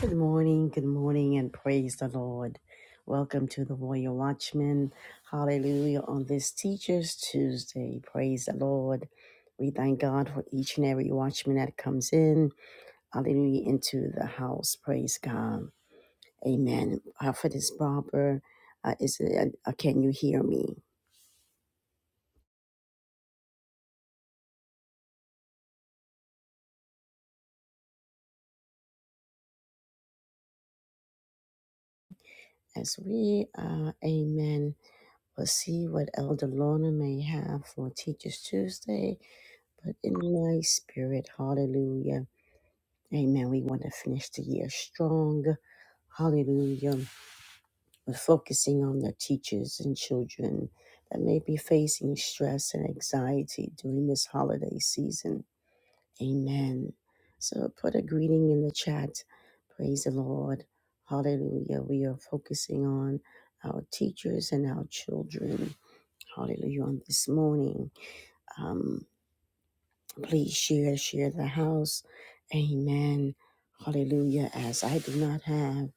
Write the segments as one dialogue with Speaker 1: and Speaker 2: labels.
Speaker 1: Good morning, good morning, and praise the Lord. Welcome to the Warrior Watchman. Hallelujah. On this Teachers Tuesday, praise the Lord. We thank God for each and every watchman that comes in. Hallelujah. Into the house. Praise God. Amen. Prophetess Barber, uh, is it, uh, uh, can you hear me? As we, uh, amen, we'll see what Elder Lorna may have for Teachers Tuesday. But in my spirit, hallelujah. Amen. We want to finish the year strong. Hallelujah. But focusing on the teachers and children that may be facing stress and anxiety during this holiday season. Amen. So put a greeting in the chat. Praise the Lord. Hallelujah. We are focusing on our teachers and our children. Hallelujah. On this morning. um, Please share, share the house. Amen. Hallelujah. As I do not have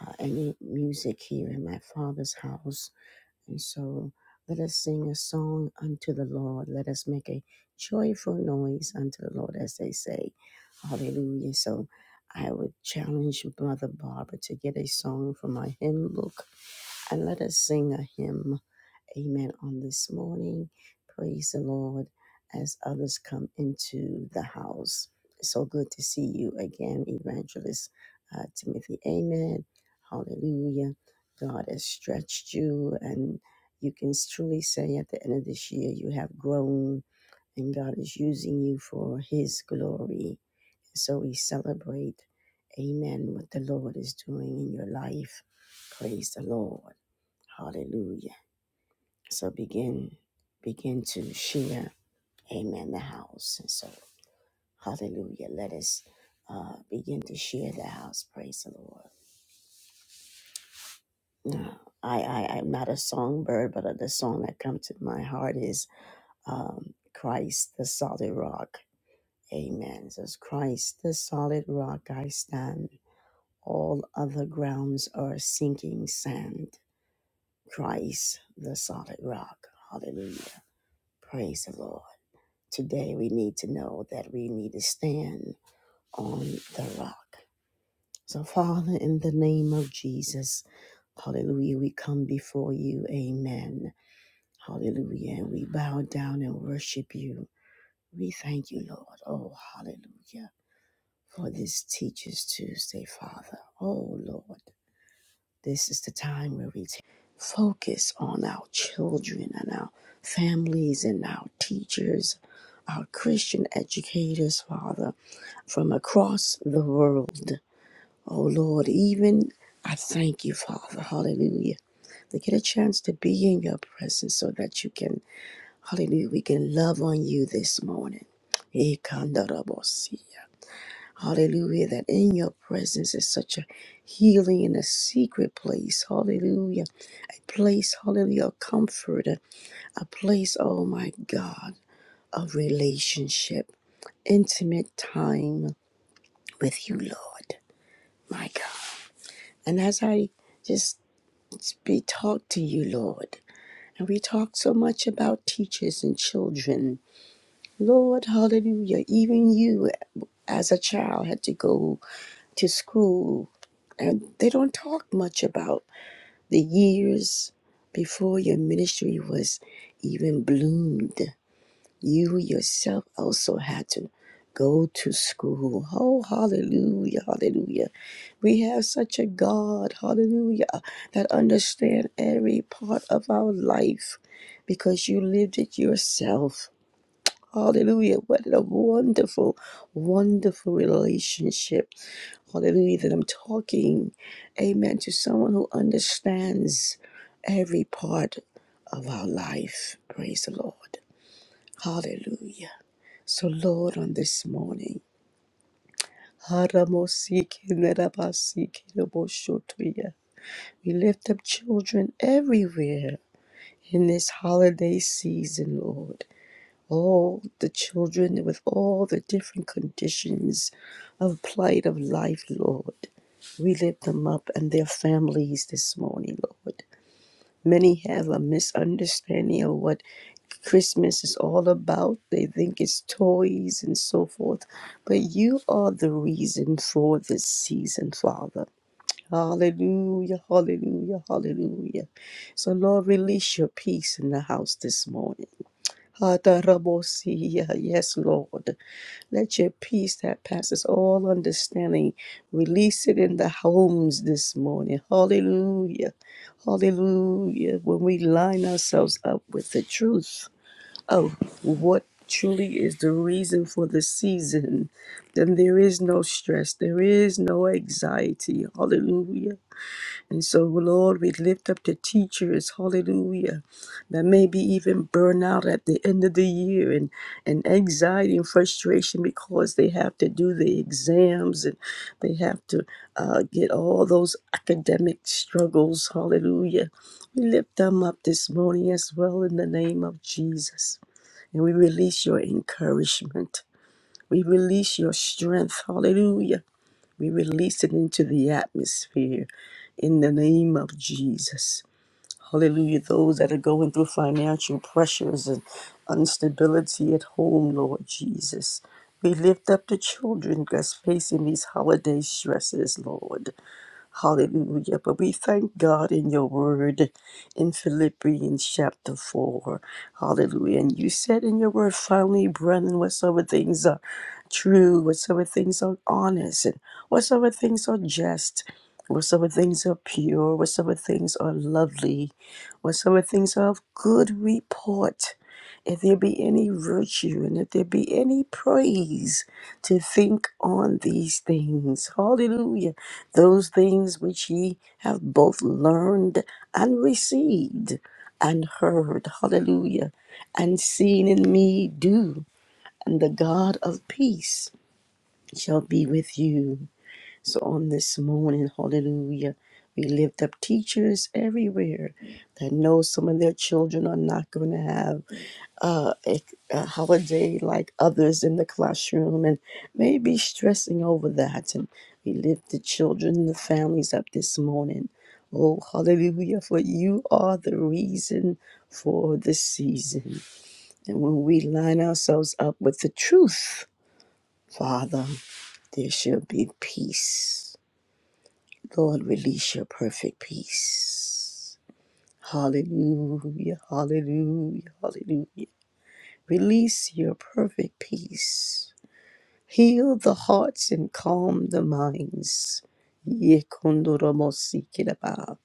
Speaker 1: uh, any music here in my father's house. And so let us sing a song unto the Lord. Let us make a joyful noise unto the Lord, as they say. Hallelujah. So I would challenge Mother Barbara to get a song from our hymn book and let us sing a hymn Amen. On this morning, praise the Lord as others come into the house. It's so good to see you again, Evangelist uh, Timothy. Amen. Hallelujah. God has stretched you, and you can truly say at the end of this year, you have grown, and God is using you for His glory. So we celebrate, amen, what the Lord is doing in your life. Praise the Lord. Hallelujah. So begin, begin to share, amen, the house. And so, hallelujah, let us uh, begin to share the house. Praise the Lord. Now, I, I, I'm not a songbird, but uh, the song that comes to my heart is um, Christ the solid rock. Amen. It says, Christ the solid rock I stand. All other grounds are sinking sand. Christ the solid rock. Hallelujah. Praise the Lord. Today we need to know that we need to stand on the rock. So, Father, in the name of Jesus, hallelujah, we come before you. Amen. Hallelujah. And we bow down and worship you. We thank you, Lord. Oh, hallelujah. For this Teacher's Tuesday, Father. Oh, Lord. This is the time where we t- focus on our children and our families and our teachers, our Christian educators, Father, from across the world. Oh Lord, even I thank you, Father, hallelujah, to get a chance to be in your presence so that you can, hallelujah, we can love on you this morning. Ikandarabosi. Hallelujah. That in your presence is such a healing and a secret place. Hallelujah. A place, hallelujah, of comfort. A a place, oh my God, of relationship, intimate time with you, Lord. My God. And as I just be talk to you, Lord, and we talk so much about teachers and children. Lord, hallelujah. Even you as a child had to go to school and they don't talk much about the years before your ministry was even bloomed. You yourself also had to go to school. Oh, hallelujah, hallelujah. We have such a God, hallelujah, that understands every part of our life because you lived it yourself. Hallelujah. What a wonderful, wonderful relationship Hallelujah, that I'm talking, amen, to someone who understands every part of our life. Praise the Lord. Hallelujah. So, Lord, on this morning, we lift up children everywhere in this holiday season, Lord. all the children with all the different conditions of plight of life, Lord. We lift them up and their families this morning, Lord. Many have a misunderstanding of what Christmas is all about. They think it's toys and so forth. But you are the reason for this season, Father. Hallelujah, hallelujah, hallelujah. So, Lord, release your peace in the house this morning. Atarabosia. Yes, Lord. Let your peace that passes all understanding release it in the homes this morning. Hallelujah. Hallelujah. When we line ourselves up with the truth of what truly is the reason for the season, then there is no stress, there is no anxiety. Hallelujah. And so, Lord, we lift up the teachers, hallelujah, that maybe even burn out at the end of the year and, and anxiety and frustration because they have to do the exams and they have to uh, get all those academic struggles, hallelujah. We lift them up this morning as well in the name of Jesus. And we release your encouragement. We release your strength, hallelujah. We release it into the atmosphere in the name of Jesus. Hallelujah. Those that are going through financial pressures and instability at home, Lord Jesus. We lift up the children that's facing these holiday stresses, Lord. Hallelujah. But we thank God in your word in Philippians chapter 4. Hallelujah. And you said in your word, finally, brethren, whatsoever things are true, whatsoever things are honest, and whatsoever things are just, whatsoever things are pure, whatsoever things are lovely, whatsoever things are of good report, if there be any virtue and if there be any praise, to think on these things. Hallelujah those things which ye have both learned and received and heard, hallelujah, and seen in me do, and the God of peace shall be with you. So on this morning, hallelujah, we lift up teachers everywhere that know some of their children are not going to have uh, a, a holiday like others in the classroom and maybe stressing over that. And we lift the children and the families up this morning. Oh, hallelujah, for you are the reason for the season. And when we line ourselves up with the truth, Father, there shall be peace. Lord, release your perfect peace. Hallelujah, hallelujah, hallelujah. Release your perfect peace. Heal the hearts and calm the minds. Yekondoromosikiraba.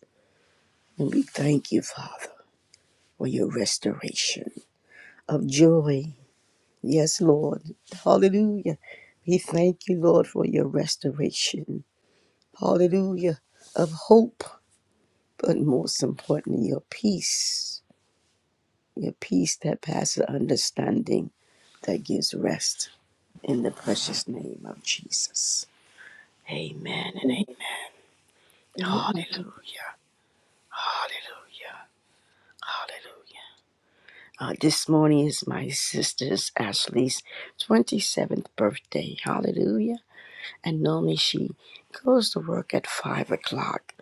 Speaker 1: And we thank you, Father, for your restoration of joy. Yes, Lord. Hallelujah. We thank you, Lord, for your restoration. Hallelujah. Of hope, but most importantly, your peace. Your peace that passes understanding, that gives rest in the precious name of Jesus. Amen and
Speaker 2: Amen.
Speaker 1: amen. Hallelujah. Hallelujah. Hallelujah. Uh, this morning is my sister's Ashley's 27th birthday. Hallelujah. And normally she goes to work at 5 o'clock,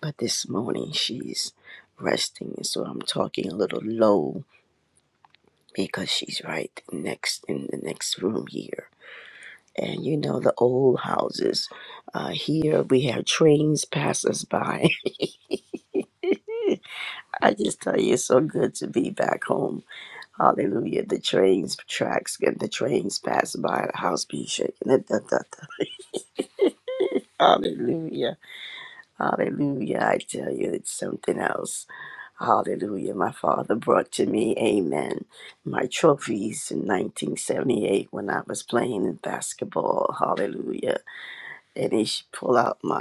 Speaker 1: but this morning she's resting. And so I'm talking a little low because she's right next in the next room here. And you know, the old houses uh, here, we have trains pass us by I just tell you, it's so good to be back home. Hallelujah. The trains, tracks, and the trains pass by, the house be shaking. Da, da, da, da. Hallelujah. Hallelujah. I tell you, it's something else. Hallelujah. My father brought to me, amen, my trophies in 1978 when I was playing in basketball. Hallelujah. and he sh- pull out my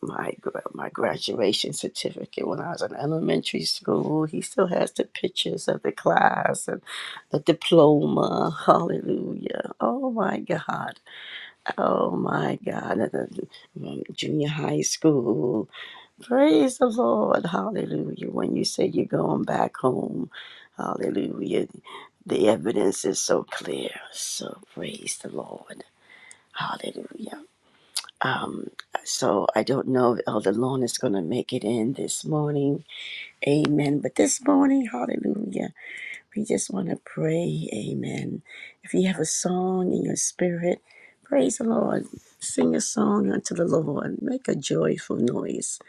Speaker 1: my gra- my graduation certificate when I was in elementary school. He still has the pictures of the class and the diploma. Hallelujah! Oh my God! Oh my God! And the- um, Junior high school. Praise the Lord! Hallelujah! When you say you're going back home, Hallelujah! The evidence is so clear. So praise the Lord. Hallelujah. Um, so I don't know if Elder Lorna is going to make it in this morning. Amen. But this morning, hallelujah, we just want to pray. Amen. If you have a song in your spirit, praise the Lord. Sing a song unto the Lord. Make a joyful noise.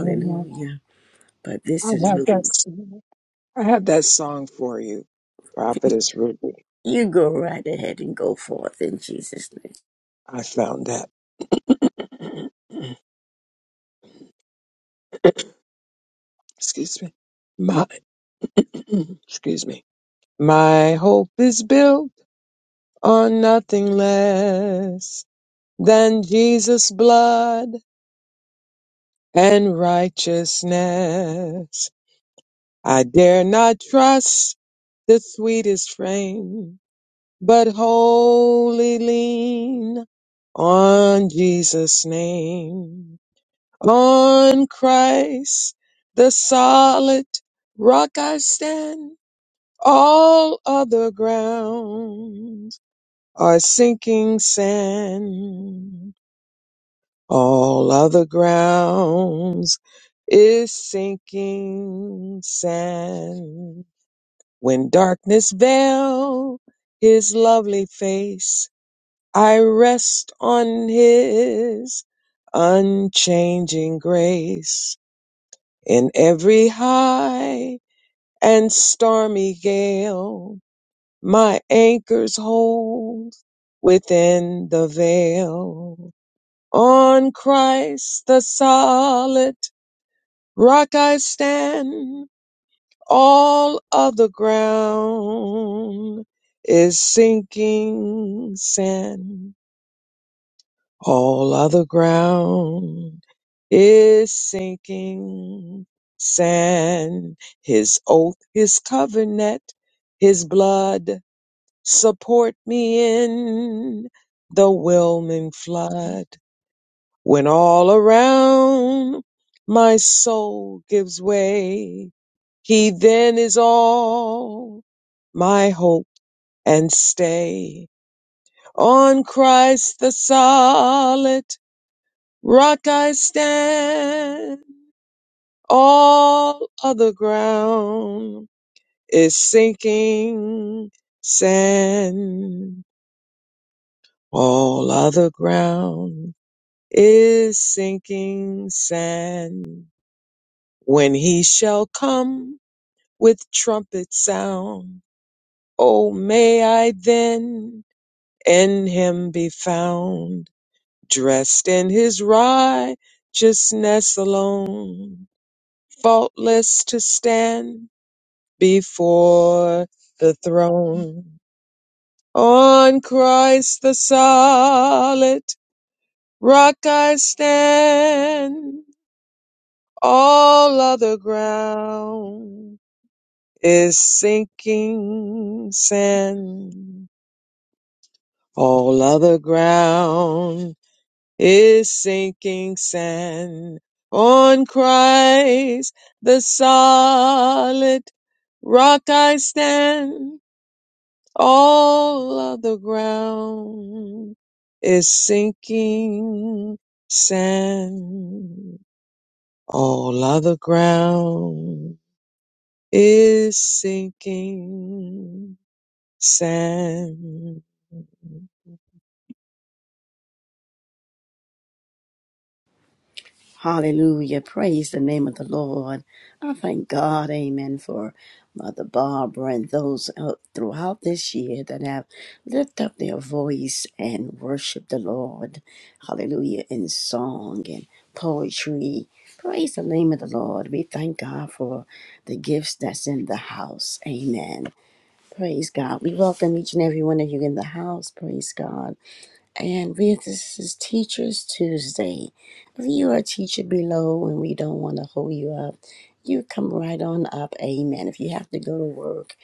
Speaker 2: I
Speaker 1: But this is
Speaker 2: have that
Speaker 1: really,
Speaker 2: song. I have that song for you, Prophetess Ruby.
Speaker 1: you go right ahead and go forth in Jesus' name.
Speaker 2: I found that. excuse me. My excuse me. My hope is built on nothing less than Jesus' blood and righteousness. I dare not trust the sweetest frame. but wholly lean on Jesus' name, on Christ, the solid rock I stand. All other grounds are sinking sand. All other grounds is sinking sand. When darkness veil his lovely face, I rest on his unchanging grace in every high and stormy gale. My anchors hold within the veil. On Christ the solid rock I stand. All other ground is sinking sand. All other ground is sinking sand. His oath, his covenant, his blood support me in the whelming flood. When all around my soul gives way, he then is all my hope and stay. On Christ the solid Rock I stand, all other ground is sinking sand. All other ground is sinking sand. When he shall come with trumpet sound, oh, may I then in him be found, dressed in his righteousness alone faultless to stand before the throne. On Christ the solid rock I stand. All other ground is sinking sand. All other ground is sinking sand. On Christ the solid rock I stand. All of the ground is sinking sand. All of the ground is sinking sand.
Speaker 1: Hallelujah. Praise the name of the Lord. I thank God, amen, for Mother Barbara and those out throughout this year that have lifted up their voice and worshiped the Lord. Hallelujah. In song and poetry. Praise the name of the Lord. We thank God for the gifts that's in the house. Amen. Praise God. We welcome each and every one of you in the house. Praise God. And we, this is Teachers Tuesday. If you are a teacher below and we don't want to hold you up, you come right on up. Amen. If you have to go to work,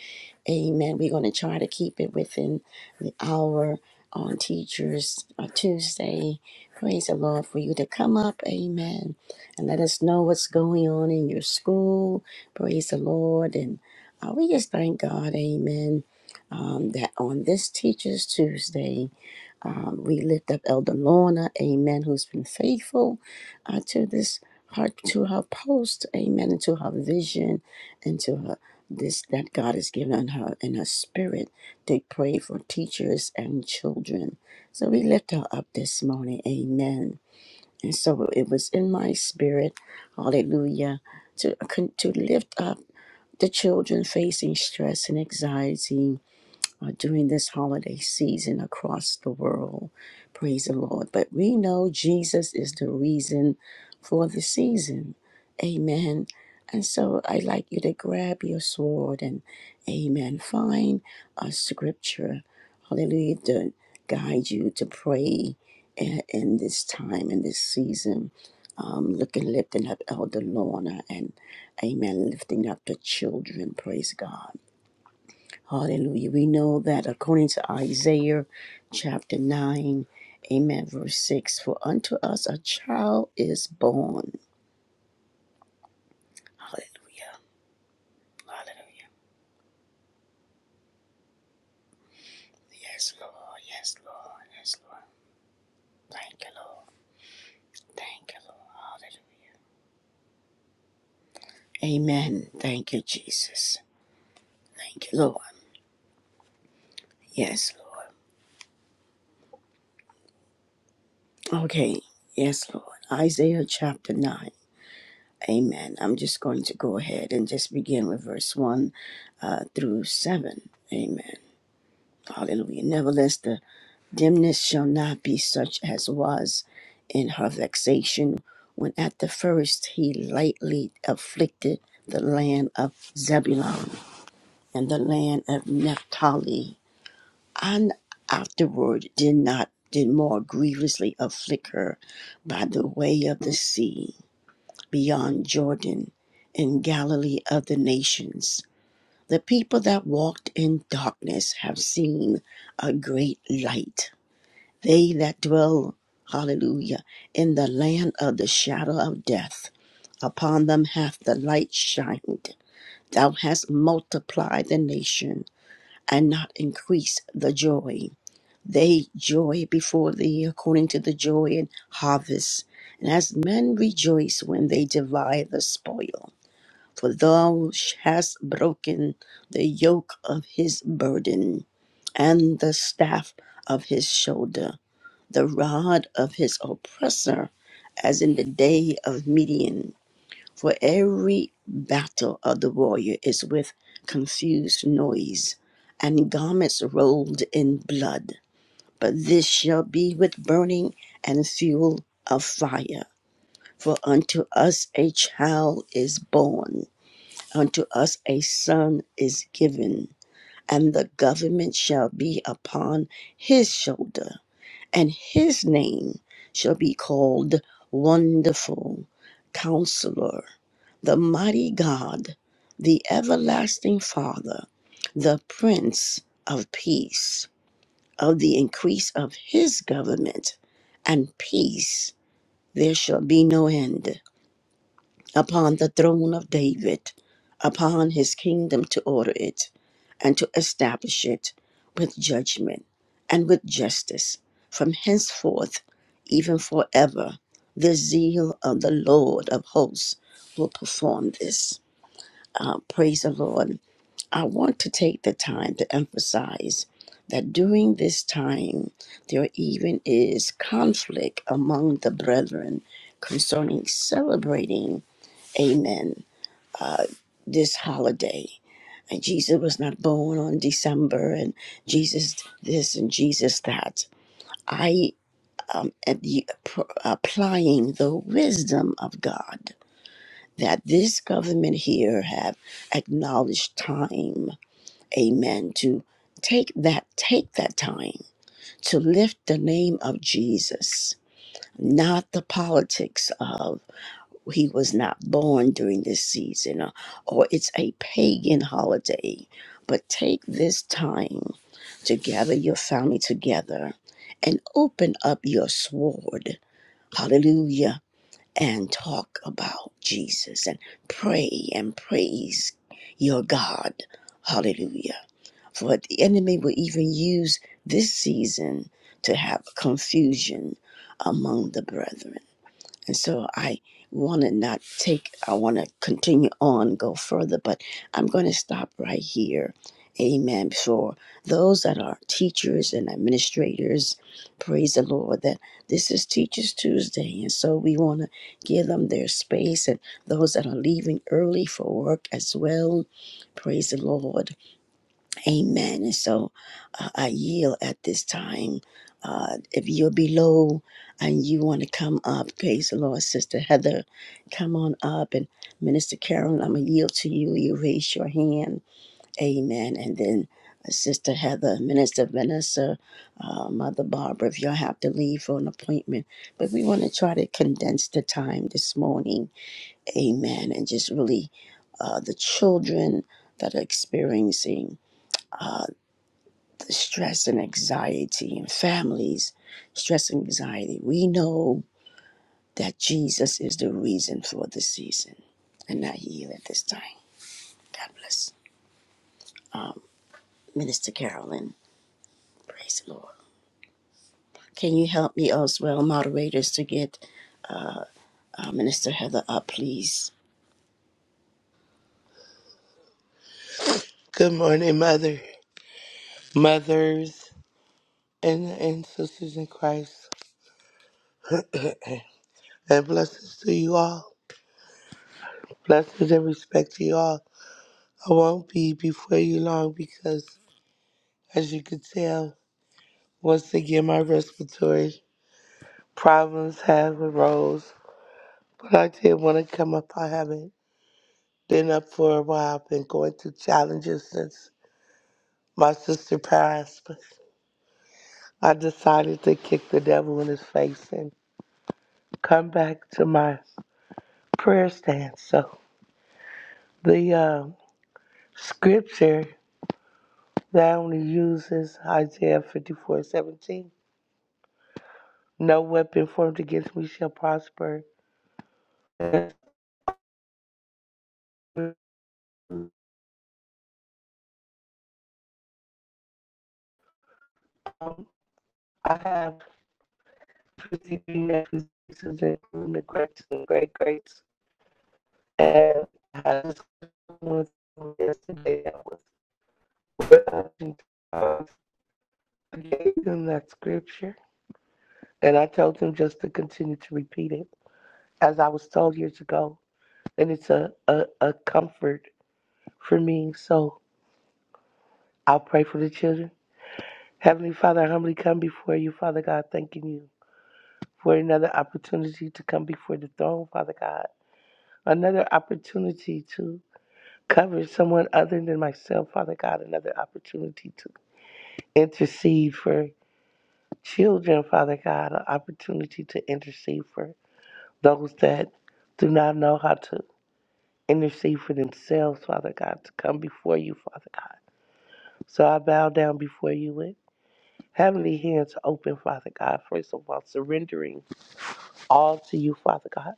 Speaker 1: amen. We're going to try to keep it within the hour on Teachers uh, Tuesday. Praise the Lord for you to come up. Amen. And let us know what's going on in your school. Praise the Lord. And uh, we just thank God. Amen. Um, that on this Teachers Tuesday, um, we lift up Elder Lorna, amen, who's been faithful uh, to this heart, to her post, amen, and to her vision, and to her this that God has given her in her spirit to pray for teachers and children. So we lift her up this morning, amen. And so it was in my spirit, hallelujah, to, to lift up the children facing stress and anxiety uh, during this holiday season across the world. Praise the Lord. But we know Jesus is the reason for the season. Amen. And so I'd like you to grab your sword and, amen, find a scripture, hallelujah, to guide you to pray in, in this time, in this season. Um, looking, lifting up Elder Lorna and, amen, lifting up the children. Praise God. Hallelujah. We know that according to Isaiah chapter 9, amen, verse 6, for unto us a child is born. Hallelujah. Hallelujah. Yes, Lord. Yes, Lord. Yes, Lord. Thank you, Lord. Thank you, Lord. Hallelujah. Amen. Thank you, Jesus. Thank you, Lord. Yes, Lord. Okay. Yes, Lord. Isaiah chapter 9. Amen. I'm just going to go ahead and just begin with verse 1 uh, through 7. Amen. Hallelujah. Nevertheless, the dimness shall not be such as was in her vexation when at the first he lightly afflicted the land of Zebulun and the land of Naphtali, and afterward did not did more grievously afflict her by the way of the sea beyond Jordan in Galilee of the nations. The people that walked in darkness have seen a great light. They that dwell, hallelujah, in the land of the shadow of death, upon them hath the light shined. Thou hast multiplied the nation, and not increased the joy. They joy before thee according to the joy in harvest, and as men rejoice when they divide the spoil. For thou hast broken the yoke of his burden, and the staff of his shoulder the rod of his oppressor, as in the day of Midian. For every battle of the warrior is with confused noise, and garments rolled in blood. But this shall be with burning and fuel of fire. For unto us a child is born, unto us a son is given, and the government shall be upon his shoulder and his name shall be called Wonderful Counselor, the Mighty God, the Everlasting Father, the Prince of Peace. Of the increase of his government and peace there shall be no end upon the throne of David, upon his kingdom to order it and to establish it with judgment and with justice from henceforth, even forever. The zeal of the Lord of hosts will perform this. Uh, praise the Lord. I want to take the time to emphasize that during this time, there even is conflict among the brethren concerning celebrating, amen, uh, this holiday. And Jesus was not born on December, and Jesus this and Jesus that. I um, am the, applying the wisdom of God that this government here have acknowledged time, amen, to take that take that time to lift the name of Jesus, not the politics of he was not born during this season or, or it's a pagan holiday. But take this time to gather your family together and open up your sword. Hallelujah. And talk about Jesus and pray and praise your God. Hallelujah. For the enemy will even use this season to have confusion among the brethren. And so I want to not take, I want to continue on, go further, but I'm going to stop right here. Amen. For those that are teachers and administrators, praise the Lord that this is Teachers Tuesday. And so we want to give them their space and those that are leaving early for work as well. Praise the Lord. Amen. And so uh, I yield at this time. Uh, if you're below and you want to come up, praise the Lord, Sister Heather, come on up. And Minister Carolyn, I'm going to yield to you. You raise your hand. Amen. And then uh, Sister Heather, Minister Vanessa, uh, Mother Barbara, if you'll have to leave for an appointment. But we want to try to condense the time this morning. Amen. And just really uh, the children that are experiencing stress and anxiety and families, stress and anxiety. We know that Jesus is the reason for the season. And not you at this time. God bless. Minister Carolyn, praise the Lord. Can you help me as well, moderators, to get uh, Minister Heather up, please?
Speaker 3: Good morning, Mother, mothers, and, and sisters in Christ. And blessings to you all. Blessings and respect to you all. I won't be before you long because, as you could tell, once again, my respiratory problems have arose. But I did want to come up. I haven't been up for a while. I've been going through challenges since my sister passed. But I decided to kick the devil in his face and come back to my prayer stance. So. The uh, scripture that I only use is Isaiah fifty-four seventeen. No weapon formed against me shall prosper. um, I have received accusations including the great and great greats. And I was yesterday that was I gave them that scripture and I told them just to continue to repeat it as I was told years ago. And it's a, a, a comfort for me. So I'll pray for the children. Heavenly Father, I humbly come before you, Father God, thanking you for another opportunity to come before the throne, Father God. Another opportunity to cover someone other than myself, Father God. Another opportunity to intercede for children, Father God. An opportunity to intercede for those that do not know how to intercede for themselves, Father God, to come before you, Father God. So I bow down before you with Heavenly hands open, Father God, first of all, surrendering all to you, Father God.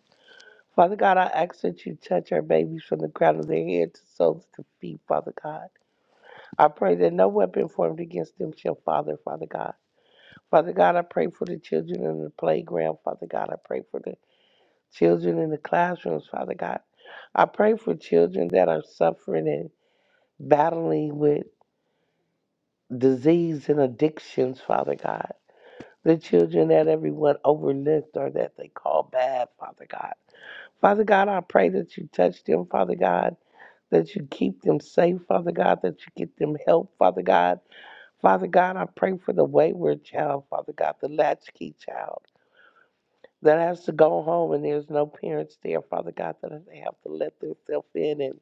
Speaker 3: Father God, I ask that you touch our babies from the crown of their head to soles to feet, Father God. I pray that no weapon formed against them shall father, Father God. Father God, I pray for the children in the playground, Father God. I pray for the children in the classrooms, Father God. I pray for children that are suffering and battling with disease and addictions, Father God. The children that everyone overlooked or that they call bad, Father God. Father God, I pray that you touch them, Father God, that you keep them safe, Father God, that you get them help, Father God. Father God, I pray for the wayward child, Father God, the latchkey child that has to go home and there's no parents there, Father God, that they have to let themselves in and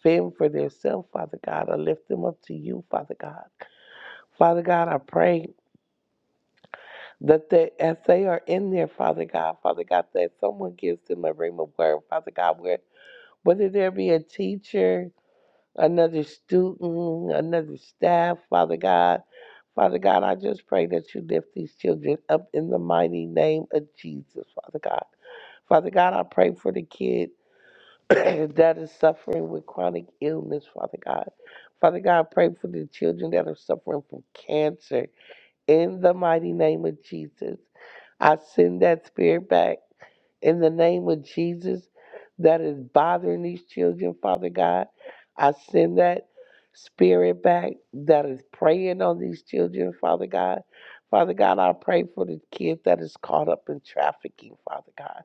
Speaker 3: fend for themselves, Father God. I lift them up to you, Father God. Father God, I pray. that they, as they are in there, Father God, Father God, that someone gives them a ring of word, Father God, where whether there be a teacher, another student, another staff, Father God, Father God, I just pray that you lift these children up in the mighty name of Jesus, Father God. Father God, I pray for the kid that is suffering with chronic illness, Father God. Father God, I pray for the children that are suffering from cancer in the mighty name of Jesus, I send that spirit back in the name of Jesus that is bothering these children, Father God. I send that spirit back that is preying on these children, Father God. Father God, I pray for the kid that is caught up in trafficking, Father God.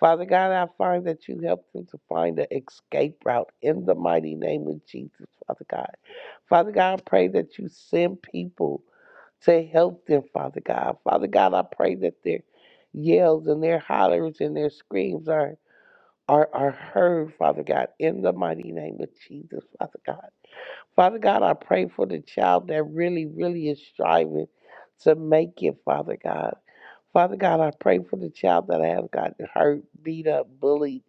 Speaker 3: Father God, I find that you help them to find an escape route in the mighty name of Jesus, Father God. Father God, I pray that you send people to help them, Father God. Father God, I pray that their yells and their hollers and their screams are are, are heard, Father God, in the mighty name of Jesus, Father God. Father God, I pray for the child that really, really is striving to make it, Father God. Father God, I pray for the child that has gotten hurt, beat up, bullied,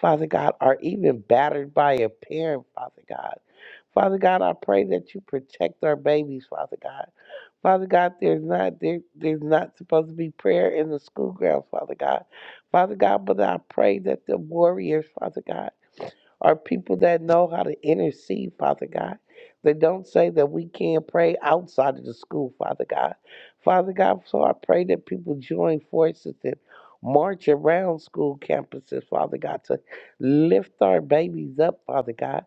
Speaker 3: Father God, or even battered by a parent, Father God. Father God, I pray that you protect our babies, Father God. Father God, there's not there, there's not supposed to be prayer in the school grounds, Father God. Father God, but I pray that the warriors, Father God are people that know how to intercede, Father God. They don't say that we can't pray outside of the school, Father God. Father God, so I pray that people join forces and march around school campuses, Father God, to lift our babies up, Father God.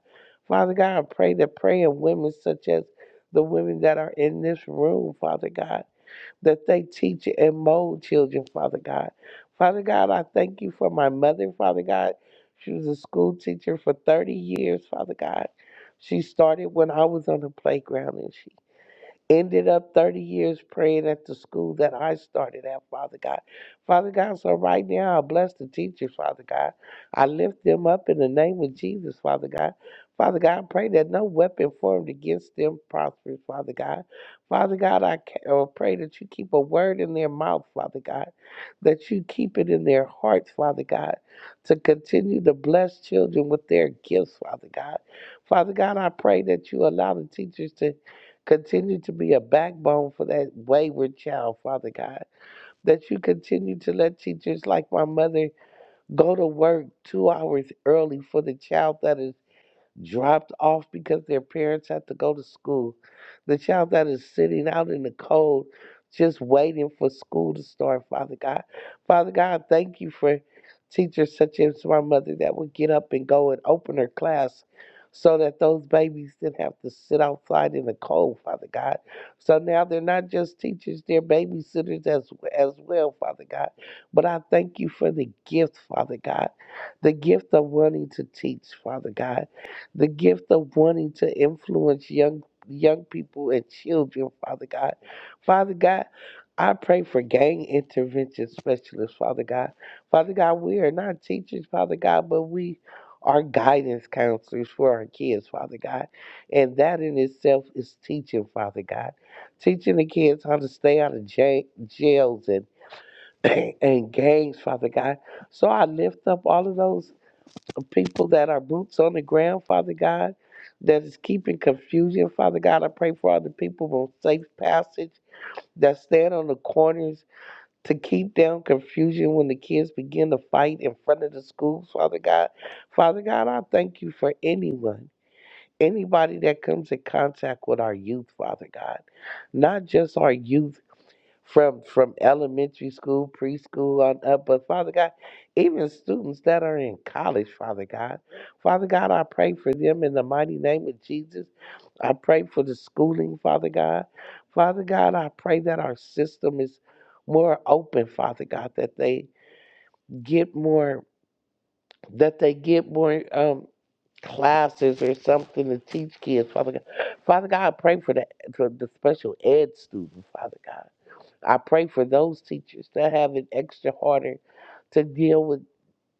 Speaker 3: Father God, I pray that praying women such as the women that are in this room, Father God, that they teach and mold children, Father God. Father God, I thank you for my mother, Father God. She was a school teacher for 30 years, Father God. She started when I was on the playground and she ended up 30 years praying at the school that I started at, Father God. Father God, so right now I bless the teachers, Father God. I lift them up in the name of Jesus, Father God. Father God, I pray that no weapon formed against them prospers, Father God. Father God, I ca- uh, pray that you keep a word in their mouth, Father God, that you keep it in their hearts, Father God, to continue to bless children with their gifts, Father God. Father God, I pray that you allow the teachers to Continue to be a backbone for that wayward child, Father God. That you continue to let teachers like my mother go to work two hours early for the child that is dropped off because their parents had to go to school. The child that is sitting out in the cold just waiting for school to start, Father God. Father God, thank you for teachers such as my mother that would get up and go and open her class so that those babies didn't have to sit outside in the cold, Father God. So now they're not just teachers, they're babysitters as, as well, Father God. But I thank you for the gift, Father God, the gift of wanting to teach, Father God the gift of wanting to influence young young people and children, Father God. Father God, I pray for gang intervention specialists, Father God. Father God, we are not teachers, Father God, but we are guidance counselors for our kids, Father God. And that in itself is teaching, Father God. Teaching the kids how to stay out of ja- jails and and gangs, Father God. So I lift up all of those people that are boots on the ground, Father God, that is keeping confusion, Father God. I pray for all the people on safe passage that stand on the corners to keep down confusion when the kids begin to fight in front of the schools, Father God. Father God, I thank you for anyone. Anybody that comes in contact with our youth, Father God, not just our youth from from elementary school, preschool on up. But Father God, even students that are in college, Father God, Father God, I pray for them in the mighty name of Jesus. I pray for the schooling, Father God. Father God, I pray that our system is more open, Father God, that they get more that they get more um classes or something to teach kids, Father God. Father God, I pray for the for the special ed student, Father God. I pray for those teachers that have it extra harder to deal with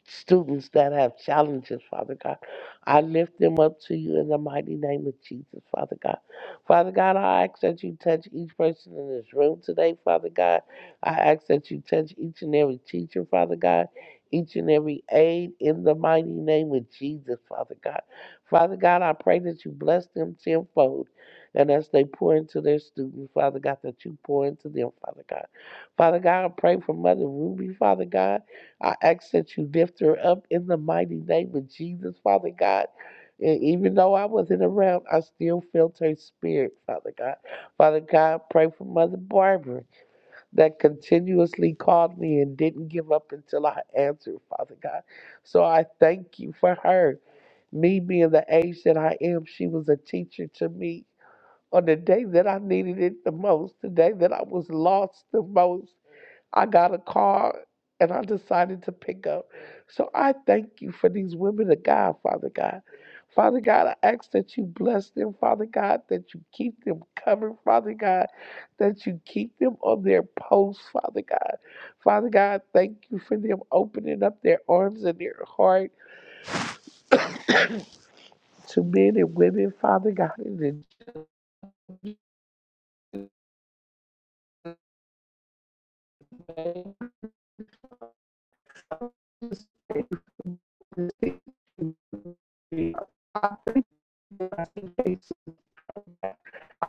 Speaker 3: students that have challenges, Father God. I lift them up to you in the mighty name of Jesus, Father God. Father God, I ask that you touch each person in this room today, Father God. I ask that you touch each and every teacher, Father God. Each and every aide in the mighty name of Jesus, Father God. Father God, I pray that you bless them tenfold. And as they pour into their students, Father God, that you pour into them, Father God. Father God, I pray for Mother Ruby, Father God. I ask that you lift her up in the mighty name of Jesus, Father God. And even though I wasn't around, I still felt her spirit, Father God. Father God, pray for Mother Barbara that continuously called me and didn't give up until I answered, Father God. So I thank you for her. Me being the age that I am, she was a teacher to me on the day that I needed it the most, the day that I was lost the most. I got a car and I decided to pick up. So I thank you for these women of God, Father God. Father God, I ask that you bless them, Father God, that you keep them covered, Father God, that you keep them on their posts, Father God. Father God, thank you for them opening up their arms and their heart to men and women, Father God, in the name of Jesus. I I see I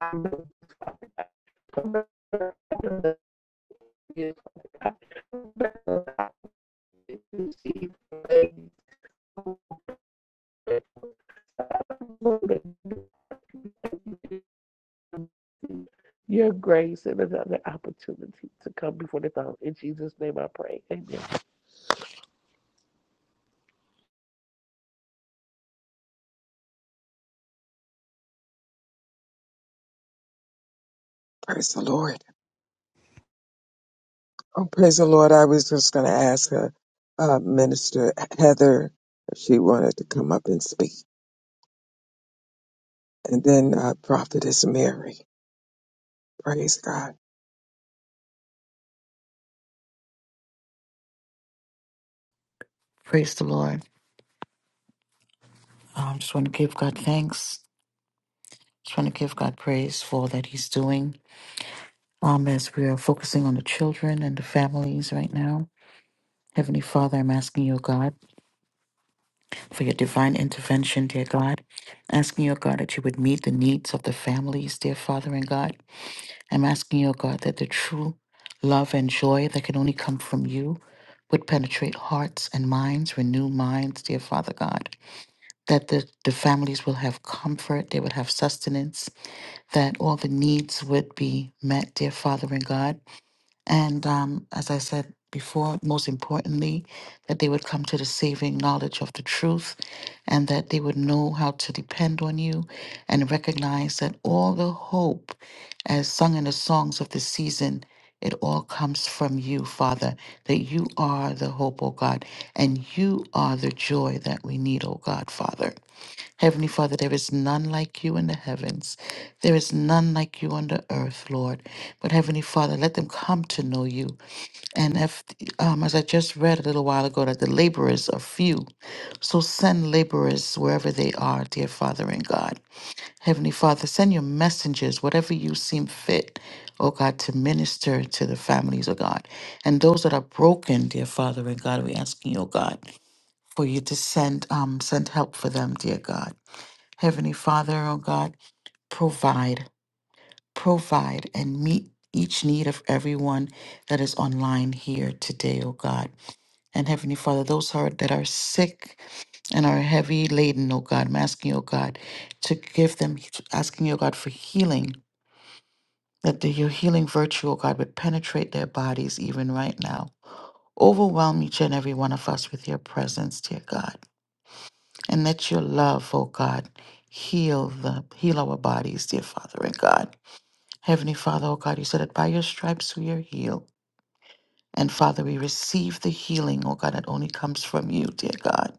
Speaker 3: am the ideas of God. the Your grace and another opportunity to come before the throne. In Jesus' name I pray. Amen.
Speaker 2: Praise the Lord. Oh, praise the Lord. I was just going to ask her, uh, Minister Heather if she wanted to come up and speak. And then uh, Prophetess Mary. Praise God.
Speaker 4: Praise the Lord. Um, just want to give God thanks. Just want to give God praise for all that He's doing. Um, as we are focusing on the children and the families right now, Heavenly Father, I'm asking you, God, for your divine intervention, dear God. Asking you, God, that you would meet the needs of the families, dear Father and God. I'm asking you, God, that the true love and joy that can only come from you would penetrate hearts and minds, renew minds, dear Father God. That the, the families will have comfort, they will have sustenance, that all the needs would be met, dear Father in God. And um, as I said before, most importantly, that they would come to the saving knowledge of the truth and that they would know how to depend on you and recognize that all the hope, as sung in the songs of the season, it all comes from you, Father, that you are the hope, O God, and you are the joy that we need, O God, Father. Heavenly Father, there is none like you in the heavens. There is none like you on the earth, Lord. But Heavenly Father, let them come to know you. And if, um, as I just read a little while ago, that the laborers are few. So send laborers wherever they are, dear Father and God. Heavenly Father, send your messengers, whatever you seem fit, oh God, to minister to the families, oh God. And those that are broken, dear Father and God, we're asking, you, oh God, for you to send um send help for them, dear God. Heavenly Father, oh God, provide, provide, and meet each need of everyone that is online here today, oh God. And Heavenly Father, those who are, that are sick and are heavy laden, oh God, I'm asking, oh God, to give them, asking, oh God, for healing, that the, your healing virtue, oh God, would penetrate their bodies even right now. Overwhelm each and every one of us with your presence, dear God. And let your love, oh God, heal the heal our bodies, dear Father and God. Heavenly Father, oh God, you said that by your stripes we are healed. And Father, we receive the healing, oh God, that only comes from you, dear God.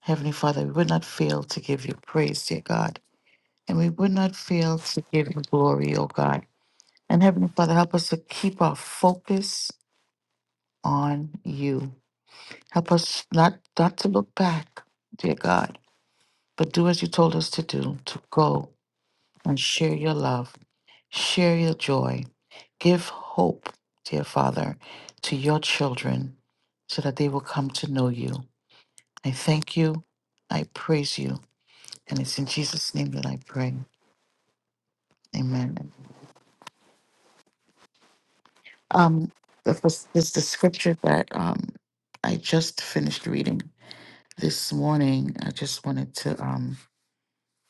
Speaker 4: Heavenly Father, we would not fail to give you praise, dear God. And we would not fail to give you glory, oh God. And Heavenly Father, help us to keep our focus on you. Help us not not to look back, dear God, but do as you told us to do, to go and share your love, share your joy. Give hope, dear Father, to your children so that they will come to know you. I thank you. I praise you. And it's in Jesus' name that I pray. Amen. Um, the first, this the scripture that um, I just finished reading this morning. I just wanted to um,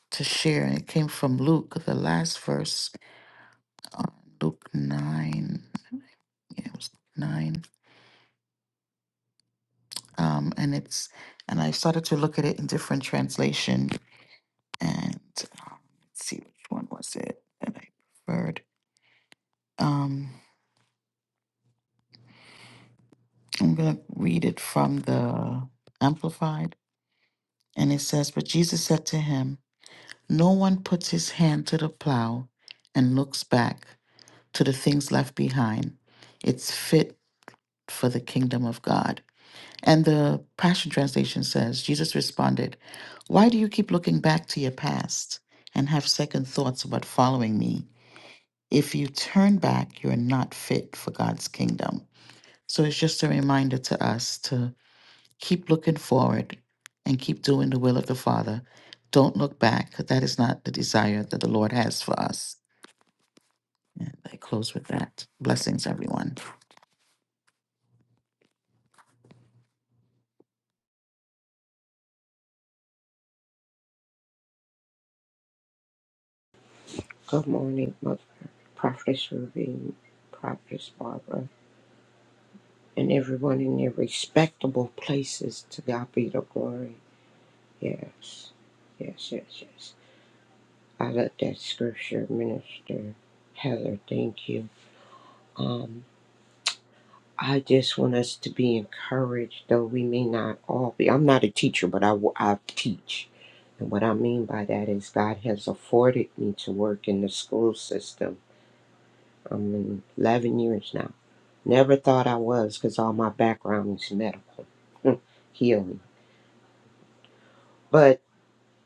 Speaker 4: to share, and it came from Luke, the last verse, uh, Luke nine. Yeah, it was nine. um, and it's and I started to look at it in different translation and let's see which one was it that I preferred. Um, I'm gonna read it from the Amplified, and it says, "But Jesus said to him, 'No one puts his hand to the plow and looks back to the things left behind. It's fit for the kingdom of God." And the Passion Translation says Jesus responded, Why do you keep looking back to your past and have second thoughts about following me? If you turn back, you're not fit for God's kingdom. So it's just a reminder to us to keep looking forward and keep doing the will of the Father. Don't look back, 'cause that is not the desire that the Lord has for us. And I close with that. Blessings, everyone.
Speaker 5: Good morning, Mother, Prophetess Ruby, Prophetess Barbara, and everyone in their respectable places. To God be the glory. Yes, yes, yes, yes. I love that scripture, Minister Heather. Thank you. Um, I just want us to be encouraged, though we may not all be. I'm not a teacher, but I, w- I teach. And what I mean by that is God has afforded me to work in the school system. I'm in 11 years now. Never thought I was because all my background is medical healing. But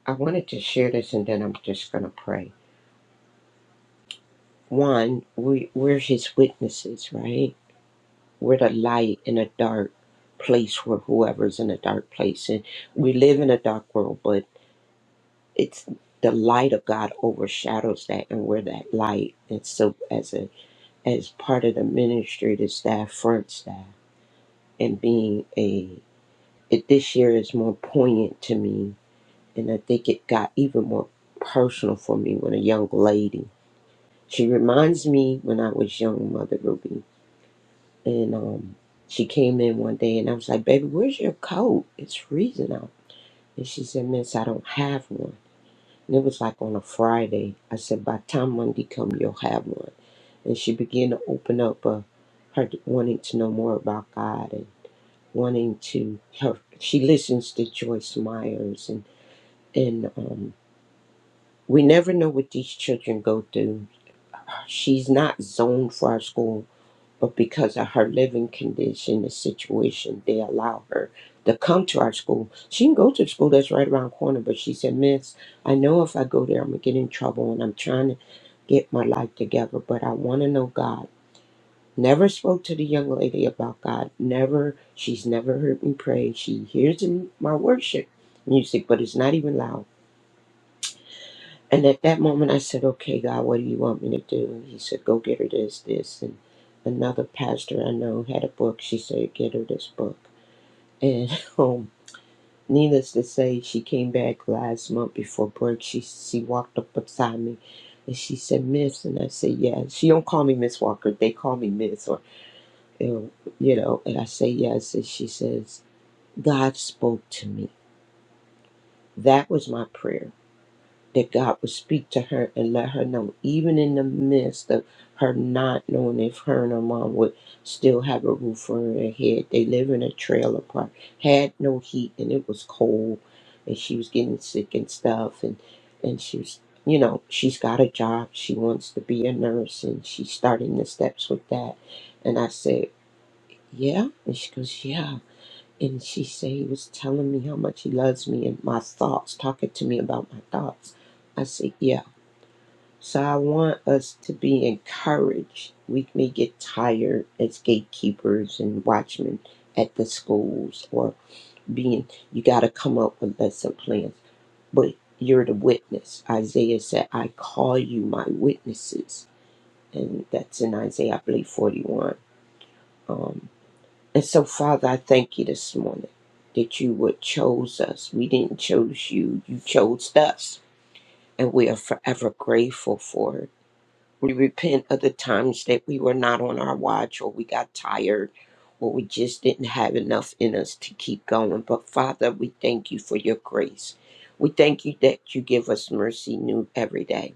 Speaker 5: I wanted to share this and then I'm just going to pray. One, we, we're his witnesses, right? We're the light in a dark place where whoever's in a dark place. And we live in a dark world, but it's the light of God overshadows that and we're that light. And so as a as part of the ministry, the staff, front staff, and being a it this year is more poignant to me And I think it got even more personal for me when a young lady. She reminds me when I was young, Mother Ruby. And um, she came in one day and I was like, Baby, where's your coat? It's freezing out. And she said, Miss, I don't have one. And it was like on a Friday. I said, By the time Monday come, you'll have one. And she began to open up uh, her wanting to know more about God and wanting to her. She listens to Joyce Myers and and. um, We never know what these children go through. She's not zoned for our school, but because of her living condition, the situation, they allow her to come to our school. She can go to the school that's right around the corner, but she said, Miss, I know if I go there, I'm going to get in trouble, and I'm trying to get my life together, but I want to know God. Never spoke to the young lady about God. Never, she's never heard me pray. She hears in my worship music, but it's not even loud. And at that moment, I said, Okay, God, what do you want me to do? he said, Go get her this, this. And another pastor I know had a book. She said, Get her this book. And um, needless to say, she came back last month before break. She, she walked up beside me and she said, Miss. And I said, Yeah. She don't call me Miss Walker. They call me Miss. Or, you know, you know, and I say, Yes. And she says, God spoke to me. That was my prayer that God would speak to her and let her know, even in the midst of her not knowing if her and her mom would still have a roof over her head. They live in a trailer park, had no heat, and it was cold, and she was getting sick and stuff, and and she was, you know, she's got a job. She wants to be a nurse, and she's starting the steps with that. And I said, yeah, and she goes, yeah and she said he was telling me how much he loves me and my thoughts, talking to me about my thoughts. I said, yeah. So I want us to be encouraged. We may get tired as gatekeepers and watchmen at the schools or being, you got to come up with lesson plans. But you're the witness. Isaiah said, I call you my witnesses. And that's in Isaiah, I believe, 41. Um, and so, Father, I thank you this morning that you would chose us. We didn't choose you, you chose us. And we are forever grateful for it. We repent of the times that we were not on our watch or we got tired or we just didn't have enough in us to keep going. But Father, we thank you for your grace. We thank you that you give us mercy new every day.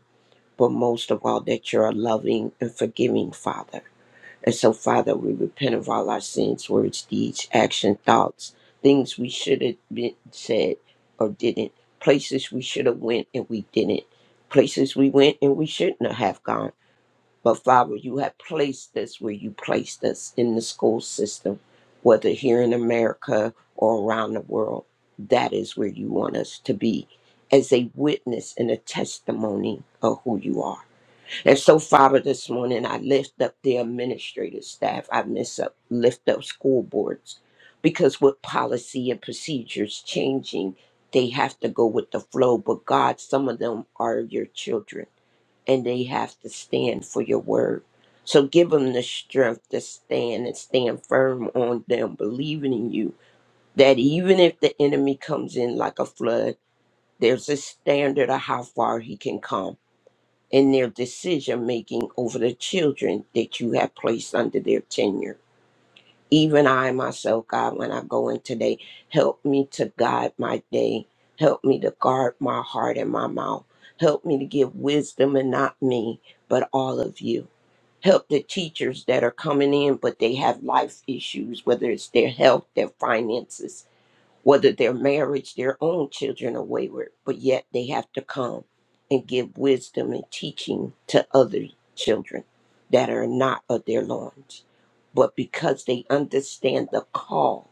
Speaker 5: But most of all, that you're a loving and forgiving Father. And so, Father, we repent of all our sins, words, deeds, action, thoughts, things we should have been said or didn't, places we should have went and we didn't, places we went and we shouldn't have gone. But Father, you have placed us where you placed us in the school system, whether here in America or around the world. That is where you want us to be as a witness and a testimony of who you are. And so, Father, this morning I lift up the administrative staff. I miss up, lift up school boards because with policy and procedures changing, they have to go with the flow. But God, some of them are your children and they have to stand for your word. So give them the strength to stand and stand firm on them, believing in you that even if the enemy comes in like a flood, there's a standard of how far he can come in their decision making over the children that you have placed under their tenure. Even I myself, God, when I go in today, help me to guide my day. Help me to guard my heart and my mouth. Help me to give wisdom and not me, but all of you. Help the teachers that are coming in, but they have life issues, whether it's their health, their finances whether their marriage, their own children are wayward, but yet they have to come and give wisdom and teaching to other children that are not of their loins. But because they understand the call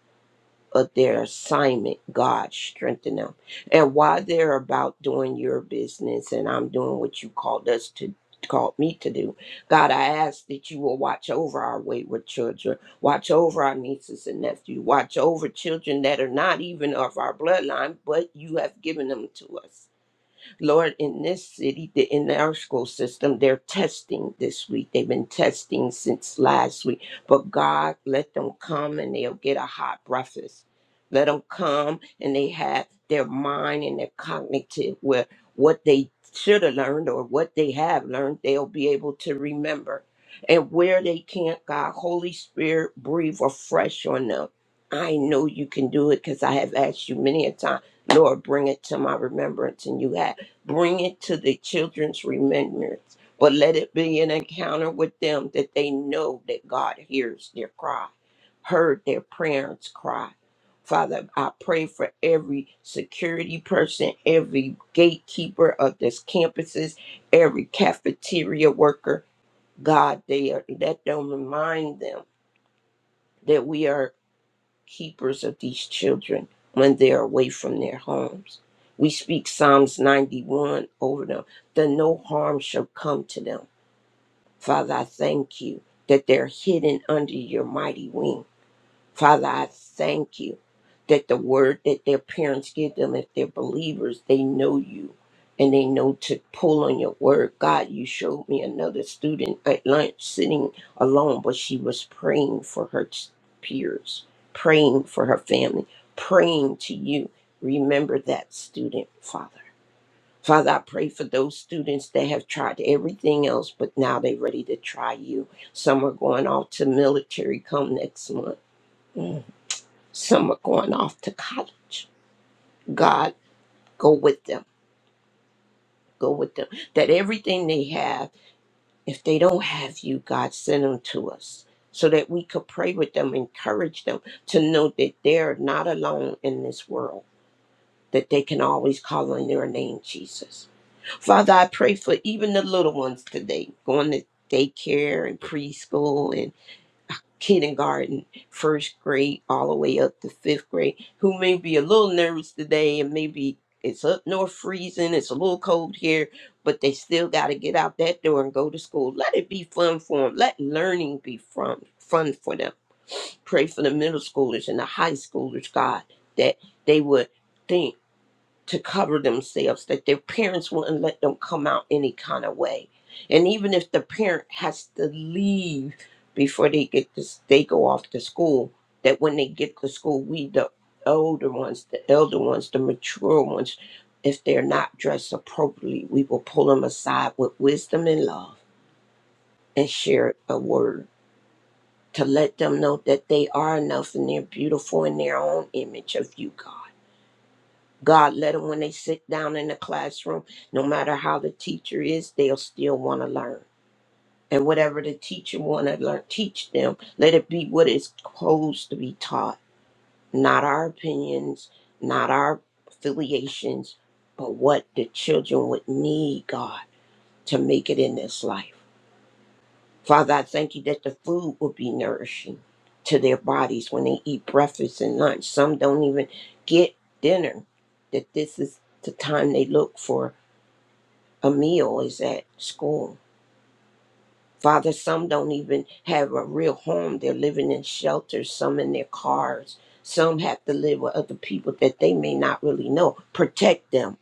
Speaker 5: of their assignment, God strengthen them. And while they're about doing your business and I'm doing what you called us to called me to do, God, I ask that you will watch over our wayward children, watch over our nieces and nephews, watch over children that are not even of our bloodline, but you have given them to us. Lord, in this city, the- in our school system, they're testing this week. They've been testing since last week. But God, let them come and they'll get a hot breakfast. Let them come and they have their mind and their cognitive where what they should have learned or what they have learned, they'll be able to remember. And where they can't, God, Holy Spirit, breathe afresh on them. I know you can do it because I have asked you many a time, Lord, bring it to my remembrance. And you have bring it to the children's remembrance, but let it be an encounter with them that they know that God hears their cry, heard their parents' cry. Father, I pray for every security person, every gatekeeper of this campuses, every cafeteria worker. God, they are, let them remind them that we are keepers of these children when they're away from their homes. We speak Psalms 91 over them, that no harm shall come to them. Father, I thank you that they're hidden under your mighty wing. Father, I thank you that the word that their parents give them, if they're believers, they know you and they know to pull on your word. God, you showed me another student at lunch sitting alone, but she was praying for her t- peers, praying for her family, praying to you. Remember that student, Father. Father, I pray for those students that have tried everything else, but now they're ready to try you. Some are going off to military come next month. Some are going off to college. God, go with them. Go with them. That everything they have, if they don't have you, God, send them to us so that we could pray with them, encourage them to know that they're not alone in this world, that they can always call on your name, Jesus. Father, I pray for even the little ones today going to daycare and preschool and. kindergarten, first grade, all the way up to fifth grade, who may be a little nervous today and maybe it's up north freezing, it's a little cold here, but they still got to get out that door and go to school. Let it be fun for them. Let learning be fun, fun for them. Pray for the middle schoolers and the high schoolers, God, that they would think to cover themselves, that their parents wouldn't let them come out any kind of way. And even if the parent has to leave before they get this, they go off to school, that when they get to school, we, the older ones, the elder ones, the mature ones, if they're not dressed appropriately, we will pull them aside with wisdom and love and share a word to let them know that they are enough and they're beautiful in their own image of you, God God let them when they sit down in the classroom, no matter how the teacher is, they'll still want to learn. And whatever the teacher want to learn, teach them. Let it be what is supposed to be taught, not our opinions, not our affiliations, but what the children would need, God, to make it in this life. Father, I thank you that the food will be nourishing to their bodies when they eat breakfast and lunch. Some don't even get dinner, that this is the time they look for a meal is at school. Father, some don't even have a real home. They're living in shelters, some in their cars. Some have to live with other people that they may not really know. Protect them.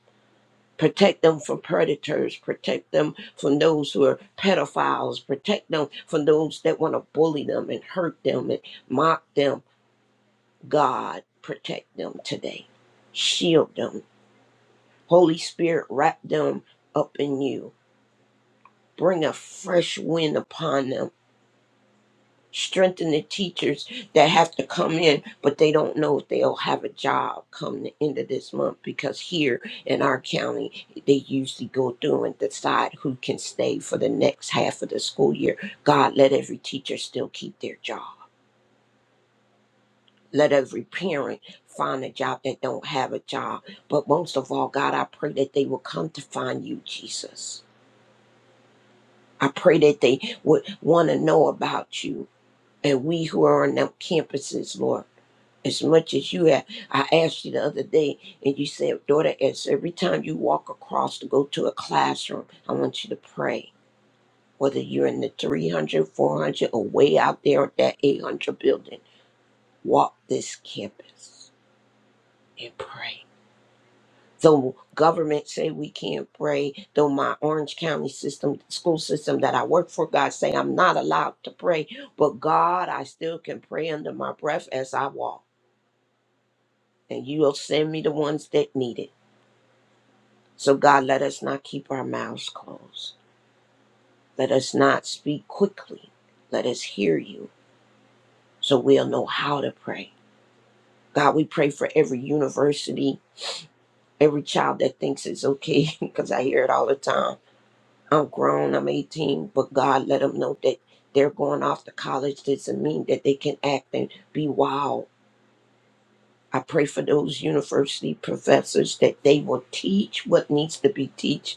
Speaker 5: Protect them from predators. Protect them from those who are pedophiles. Protect them from those that want to bully them and hurt them and mock them. God, protect them today. Shield them. Holy Spirit, wrap them up in you. Bring a fresh wind upon them strengthen the teachers that have to come in, but they don't know if they'll have a job come the end of this month because here in our county, they usually go through and decide who can stay for the next half of the school year. God, let every teacher still keep their job. Let every parent find a job that don't have a job. But most of all, God, I pray that they will come to find you, Jesus. I pray that they would want to know about you And we who are on them campuses, Lord, as much as you have. I asked you the other day, and you said, daughter, as every time you walk across to go to a classroom, I want you to pray. Whether you're in the 300, 400, or way out there at that 800 building, walk this campus and pray. Though government say we can't pray, though my Orange County system, school system that I work for, God say I'm not allowed to pray, but God, I still can pray under my breath as I walk. and you will send me the ones that need it. So, God, let us not keep our mouths closed. Let us not speak quickly. Let us hear you so we'll know how to pray. God, we pray for every university, every child that thinks it's okay, because I hear it all the time. I'm grown, I'm 18, but God, let them know that they're going off to college doesn't mean that they can act and be wild. I pray for those university professors that they will teach what needs to be taught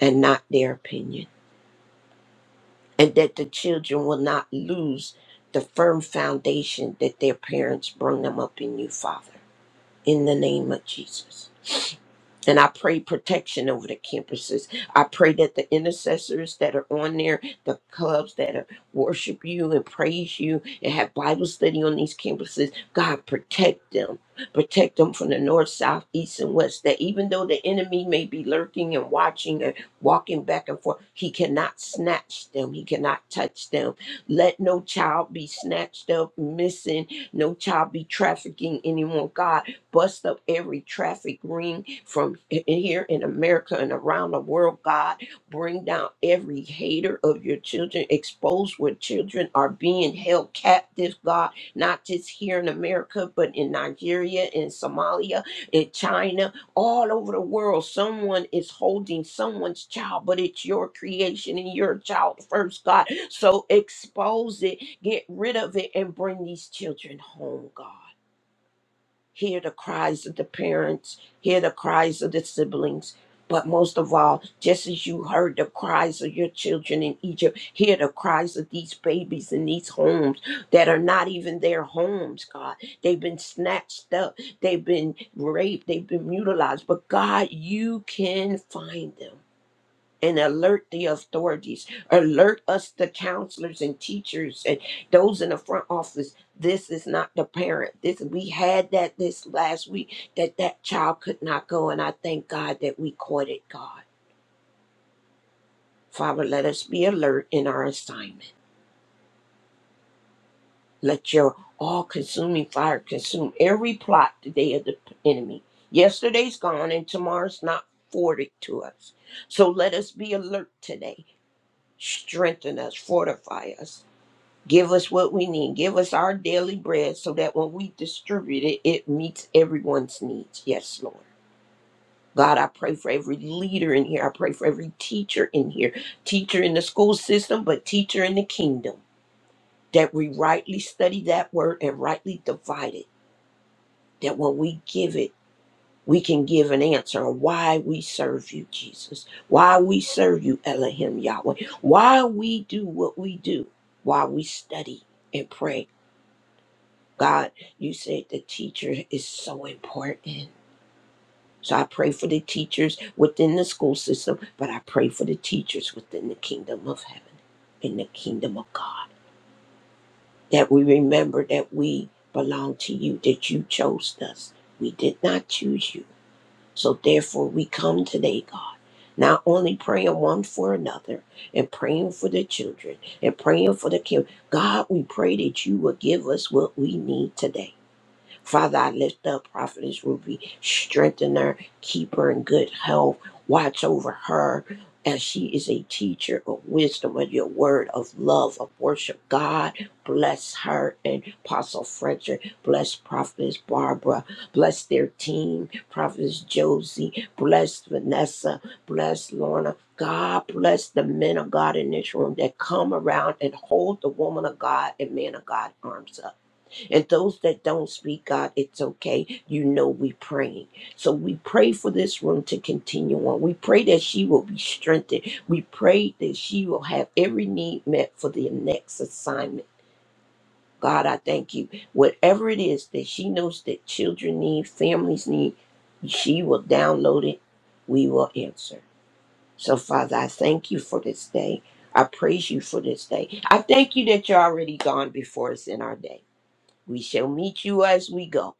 Speaker 5: and not their opinion, and that the children will not lose the firm foundation that their parents bring them up in you, Father, in the name of Jesus. And I pray protection over the campuses. I pray that the intercessors that are on there, the clubs that are, worship you and praise you and have Bible study on these campuses, God, protect them. Protect them from the north, south, east, and west. That even though the enemy may be lurking and watching and walking back and forth, he cannot snatch them. He cannot touch them. Let no child be snatched up, missing. No child be trafficking anymore. God, bust up every traffic ring from in here in America and around the world, God. Bring down every hater of your children. Expose where children are being held captive, God, not just here in America, but in Nigeria, in Somalia, in China, all over the world. Someone is holding someone's child, but it's your creation and your child first, God. So expose it, get rid of it, and bring these children home, God hear the cries of the parents, hear the cries of the siblings. But most of all, just as you heard the cries of your children in Egypt, hear the cries of these babies in these homes that are not even their homes, God. They've been snatched up, they've been raped, they've been mutilized. But God, you can find them and alert the authorities, alert us, the counselors and teachers and those in the front office. This is not the parent. This we had that this last week that that child could not go, and I thank God that we caught it. God, Father, let us be alert in our assignment. Let your all-consuming fire consume every plot today of the enemy. Yesterday's gone, and tomorrow's not forwarded to us. So let us be alert today. Strengthen us, fortify us Give us what we need. Give us our daily bread so that when we distribute it, it meets everyone's needs. Yes, Lord. God, I pray for every leader in here. I pray for every teacher in here, teacher in the school system, but teacher in the kingdom, that we rightly study that word and rightly divide it. That when we give it, we can give an answer on why we serve you, Jesus, why we serve you, Elohim Yahweh, why we do what we do, why we study and pray God, you said the teacher is so important. So I pray for the teachers within the school system, but I pray for the teachers within the kingdom of heaven and the kingdom of God. That we remember that we belong to you, that you chose us. We did not choose you. So therefore, we come today, God, not only praying one for another and praying for the children and praying for the kids. God, we pray that you will give us what we need today. Father, I lift up Prophetess Ruby, strengthen her, keep her in good health, watch over her. As she is a teacher of wisdom, of your word, of love, of worship, God bless her and Apostle Frederick, bless Prophetess Barbara, bless their team, Prophetess Josie, bless Vanessa, bless Lorna. God bless the men of God in this room that come around and hold the woman of God and man of God arms up. And those that don't speak, God, it's okay. You know we praying. So we pray for this room to continue on. We pray that she will be strengthened. We pray that she will have every need met for the next assignment. God, I thank you. Whatever it is that she knows that children need, families need, she will download it. We will answer. So, Father, I thank you for this day. I praise you for this day. I thank you that you're already gone before us in our day. We shall meet you as we go.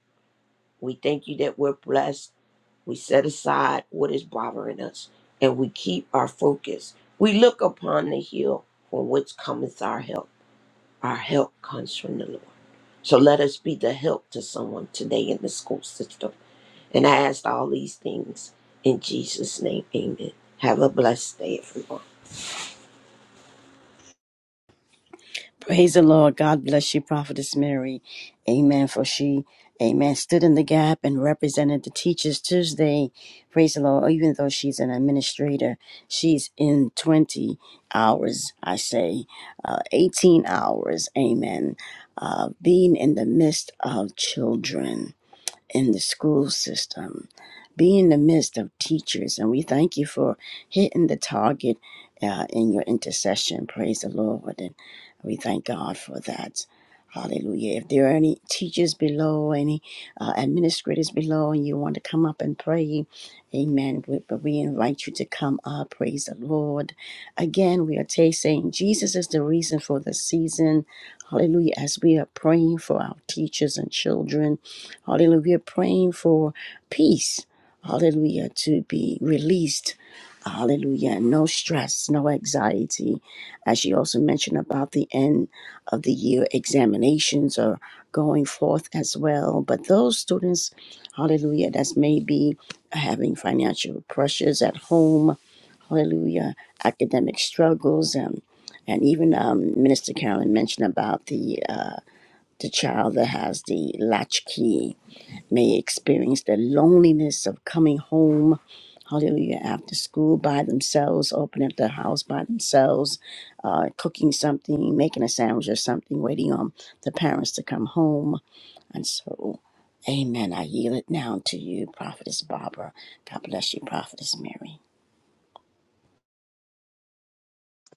Speaker 5: We thank you that we're blessed. We set aside what is bothering us and we keep our focus. We look upon the hill from which cometh our help. Our help comes from the Lord. So let us be the help to someone today in the school system. And I ask all these things in Jesus' name. Amen. Have a blessed day, everyone.
Speaker 1: Praise the Lord. God bless you, Prophetess Mary. Amen. For she, amen, stood in the gap and represented the Teachers Tuesday. Praise the Lord. Oh, Even though she's an administrator, she's in 20 hours, I say, uh, 18 hours. Amen. Uh, being in the midst of children in the school system. Be in the midst of teachers, and we thank you for hitting the target uh, in your intercession. Praise the Lord, and we thank God for that. Hallelujah. If there are any teachers below, any uh, administrators below, and you want to come up and pray, amen. We- But we invite you to come up. Praise the Lord. Again, we are tasting Jesus is the reason for the season. Hallelujah. As we are praying for our teachers and children. Hallelujah. We are praying for peace. Hallelujah. To be released. Hallelujah. No stress, no anxiety. As she also mentioned about the end of the year examinations are going forth as well. But those students, hallelujah, that's maybe having financial pressures at home, hallelujah, academic struggles and and even um, Minister Carolyn mentioned about the uh, the child that has the latchkey may experience the loneliness of coming home, hallelujah, after school by themselves, opening up the house by themselves, uh, cooking something, making a sandwich or something, waiting on the parents to come home. And so, amen. I yield it now to you, Prophetess Barbara. God bless you, Prophetess Mary.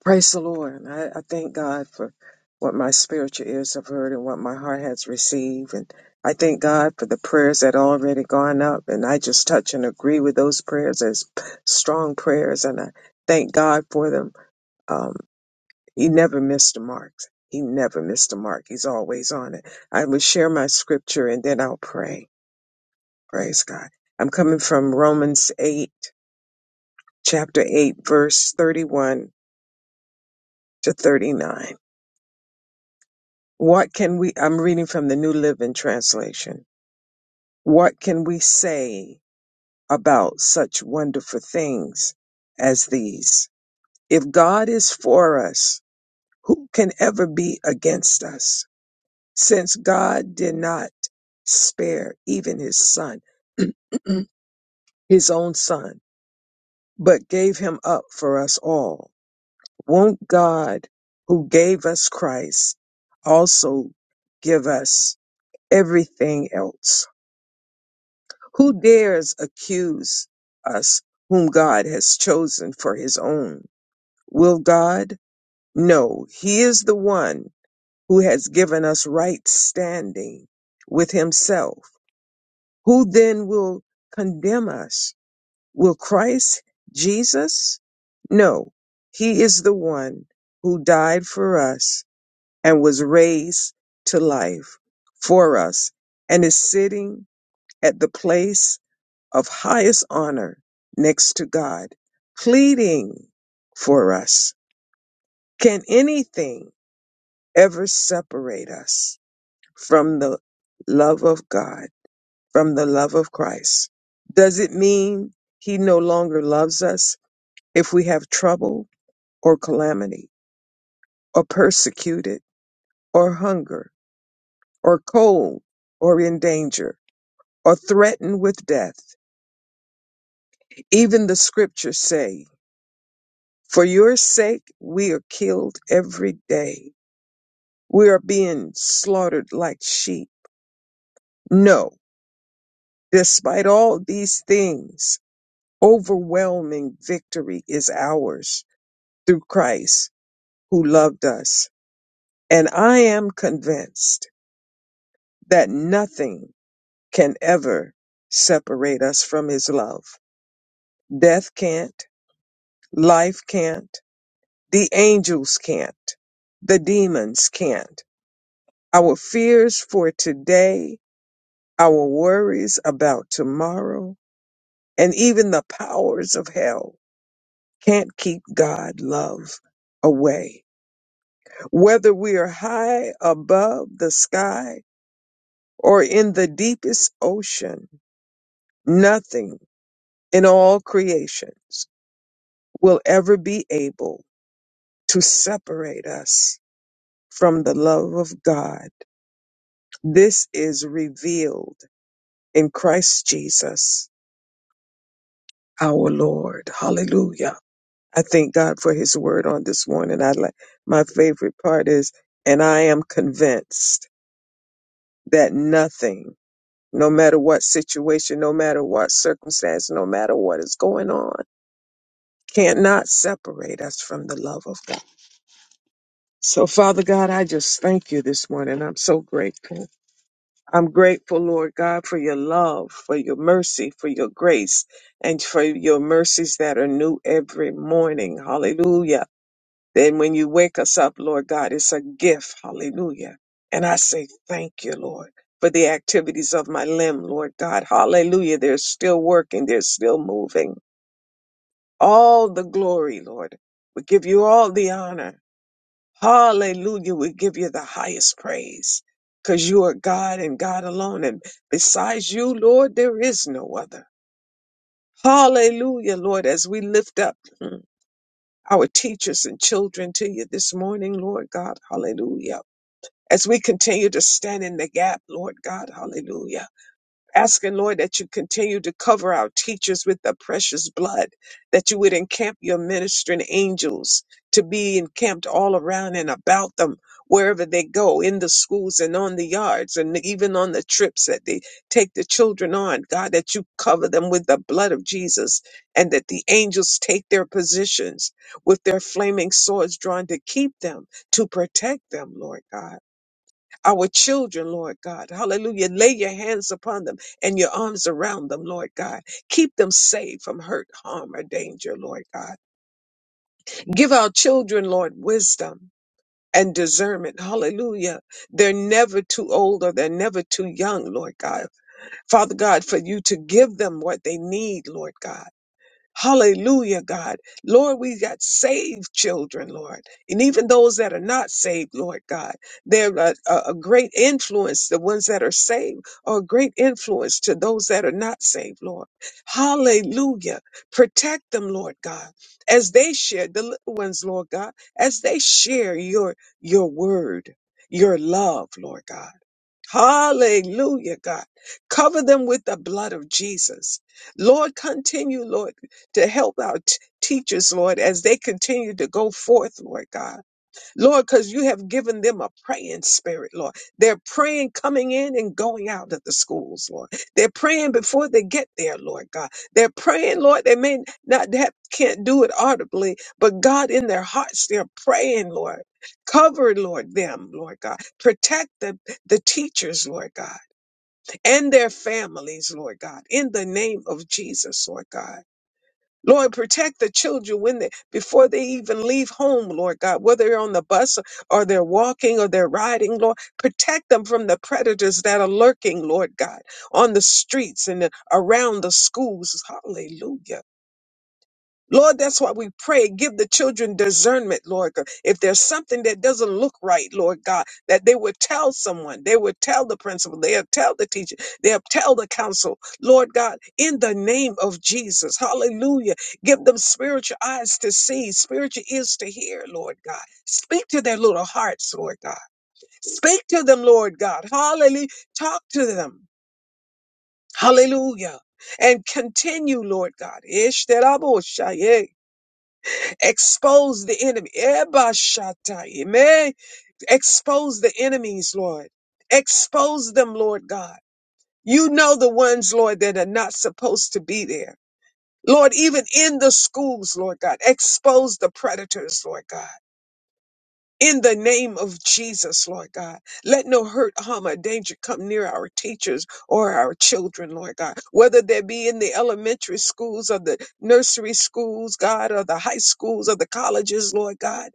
Speaker 2: Praise the Lord. I, I thank God for what my spiritual ears have heard and what my heart has received. And I thank God for the prayers that already gone up. And I just touch and agree with those prayers as p- strong prayers. And I thank God for them. Um, he never missed the mark. He never missed the mark. He's always on it. I will share my scripture and then I'll pray. Praise God. I'm coming from Romans 8, chapter 8, verse 31 to 39. What can we, I'm reading from the New Living Translation. What can we say about such wonderful things as these? If God is for us, who can ever be against us? Since God did not spare even his son, his own son, but gave him up for us all, won't God who gave us Christ also give us everything else? Who dares accuse us whom God has chosen for his own? Will God? No, he is the one who has given us right standing with himself. Who then will condemn us? Will Christ Jesus? No, he is the one who died for us and was raised to life for us and is sitting at the place of highest honor next to God, pleading for us. Can anything ever separate us from the love of God, from the love of Christ? Does it mean He no longer loves us if we have trouble or calamity or persecuted or hunger or cold or in danger or threatened with death? Even the scriptures say For your sake, we are killed every day. We are being slaughtered like sheep. No, despite all these things, overwhelming victory is ours through Christ who loved us. And I am convinced that nothing can ever separate us from his love. Death can't, life can't, the angels can't, the demons can't. Our fears for today Our worries about tomorrow and even the powers of hell can't keep God love away. Whether we are high above the sky or in the deepest ocean, nothing in all creations will ever be able to separate us from the love of God. This is revealed in Christ Jesus, our Lord. Hallelujah. I thank God for his word on this morning. I like my favorite part is and I am convinced that nothing, no matter what situation, no matter what circumstance, no matter what is going on, can't not separate us from the love of God. So Father God, I just thank you this morning. I'm so grateful. I'm grateful, Lord God, for your love, for your mercy, for your grace, and for your mercies that are new every morning. Hallelujah. Then when you wake us up, Lord God, it's a gift. Hallelujah. And I say thank you, Lord, for the activities of my limb, Lord God. Hallelujah. They're still working. They're still moving. All the glory, Lord. We give you all the honor. Hallelujah. We give you the highest praise because you are God and God alone. And besides you, Lord, there is no other. Hallelujah, Lord, as we lift up mm, our teachers and children to you this morning, Lord God. Hallelujah. as we continue to stand in the gap, Lord God, hallelujah. Asking, Lord, that you continue to cover our teachers with the precious blood, that you would encamp your ministering angels to be encamped all around and about them, wherever they go, in the schools and on the yards, and even on the trips that they take the children on. God, that you cover them with the blood of Jesus, and that the angels take their positions with their flaming swords drawn to keep them, to protect them, Lord God our children, Lord God. Hallelujah. Lay your hands upon them and your arms around them, Lord God. Keep them safe from hurt, harm, or danger, Lord God. Give our children, Lord, wisdom and discernment. Hallelujah. They're never too old or they're never too young, Lord God. Father God, for you to give them what they need, Lord God. Hallelujah, God. Lord, we got saved children, Lord. And even those that are not saved, Lord God, they're a, a, a great influence. The ones that are saved are a great influence to those that are not saved, Lord. Hallelujah. Protect them, Lord God, as they share the little ones, Lord God, as they share your, your word, your love, Lord God. Hallelujah, God. Cover them with the blood of Jesus. Lord, continue, Lord, to help our t- teachers, Lord, as they continue to go forth, Lord God. Lord, because you have given them a praying spirit, Lord. They're praying coming in and going out of the schools, Lord. They're praying before they get there, Lord God. They're praying, Lord. They may not have, can't do it audibly, but God, in their hearts, they're praying, Lord. Cover, Lord, them, Lord God. Protect the, the teachers, Lord God, and their families, Lord God, in the name of Jesus, Lord God. Lord, protect the children when they, before they even leave home, Lord God, whether they're on the bus or they're walking or they're riding, Lord, protect them from the predators that are lurking, Lord God, on the streets and around the schools. Hallelujah. Lord, that's why we pray. Give the children discernment, Lord God. If there's something that doesn't look right, Lord God, that they would tell someone, they would tell the principal, they'll tell the teacher, they'll tell the council, Lord God, in the name of Jesus. Hallelujah. Give them spiritual eyes to see, spiritual ears to hear, Lord God. Speak to their little hearts, Lord God. Speak to them, Lord God. Hallelujah. Talk to them. Hallelujah. And continue, Lord God. Ish Expose the enemy. Eba amen. Expose the enemies, Lord. Expose them, Lord God. You know the ones, Lord, that are not supposed to be there. Lord, even in the schools, Lord God, expose the predators, Lord God. In the name of Jesus, Lord God, let no hurt, harm, or danger come near our teachers or our children, Lord God. Whether they be in the elementary schools or the nursery schools, God, or the high schools or the colleges, Lord God.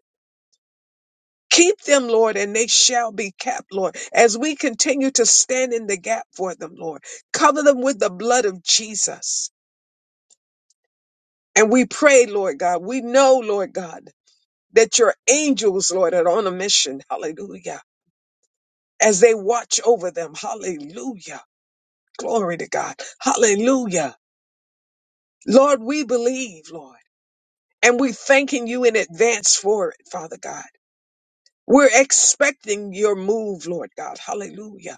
Speaker 2: Keep them, Lord, and they shall be kept, Lord, as we continue to stand in the gap for them, Lord. Cover them with the blood of Jesus. And we pray, Lord God, we know, Lord God, that your angels, Lord, are on a mission. Hallelujah. As they watch over them. Hallelujah. Glory to God. Hallelujah. Lord, we believe, Lord, and we're thanking you in advance for it, Father God. We're expecting your move, Lord God. Hallelujah.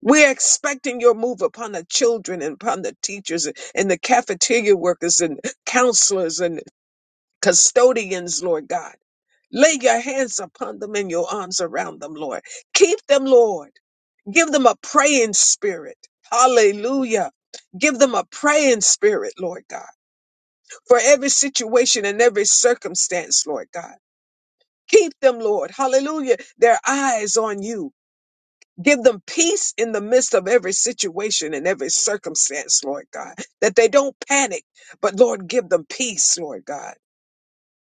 Speaker 2: We're expecting your move upon the children and upon the teachers and and the cafeteria workers and counselors and custodians, Lord God. Lay your hands upon them and your arms around them, Lord. Keep them, Lord. Give them a praying spirit. Hallelujah. Give them a praying spirit, Lord God, for every situation and every circumstance, Lord God. Keep them, Lord. Hallelujah. Their eyes on you. Give them peace in the midst of every situation and every circumstance, Lord God, that they don't panic, but Lord, give them peace, Lord God,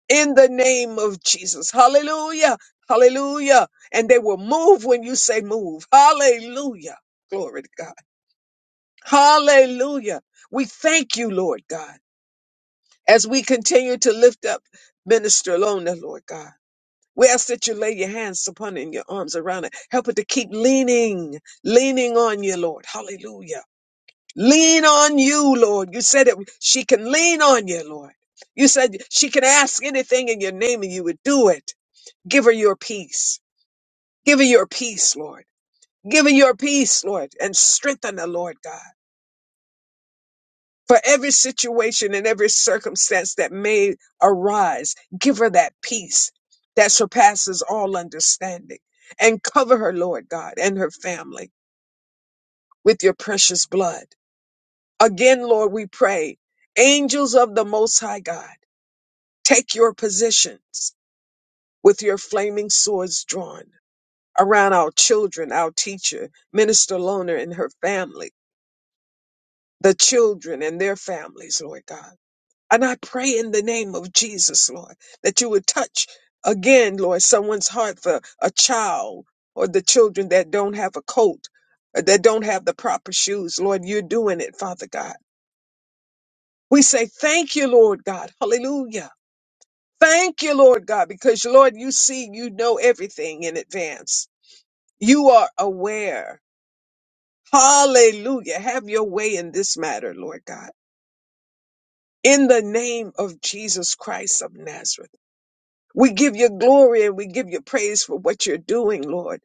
Speaker 2: in the name of Jesus. Hallelujah. Hallelujah. And they will move when you say move. Hallelujah. Glory to God. Hallelujah. We thank you, Lord God, as we continue to lift up Minister Lona, Lord God. We ask that you lay your hands upon it and your arms around it. Help it to keep leaning, leaning on you, Lord. Hallelujah. Lean on you, Lord. You said it. She can lean on you, Lord. You said she can ask anything in your name and you would do it. Give her your peace. Give her your peace, Lord. Give her your peace, Lord, and strengthen her, Lord God. for every situation and every circumstance that may arise. Give her that peace that surpasses all understanding and cover her, Lord God, and her family with your precious blood. Again, Lord, we pray, angels of the Most High God, take your positions with your flaming swords drawn around our children, our teacher, Minister Loner and her family, the children and their families, Lord God And I pray in the name of Jesus, Lord, that you would touch again, Lord, someone's heart for a child or the children that don't have a coat, or that don't have the proper shoes. Lord, you're doing it, Father God. We say thank you, Lord God. Hallelujah. Thank you, Lord God, because Lord, you see, you know everything in advance. You are aware. Hallelujah. Have your way in this matter, Lord God. In the name of Jesus Christ of Nazareth. We give you glory and we give you praise for what you're doing, Lord.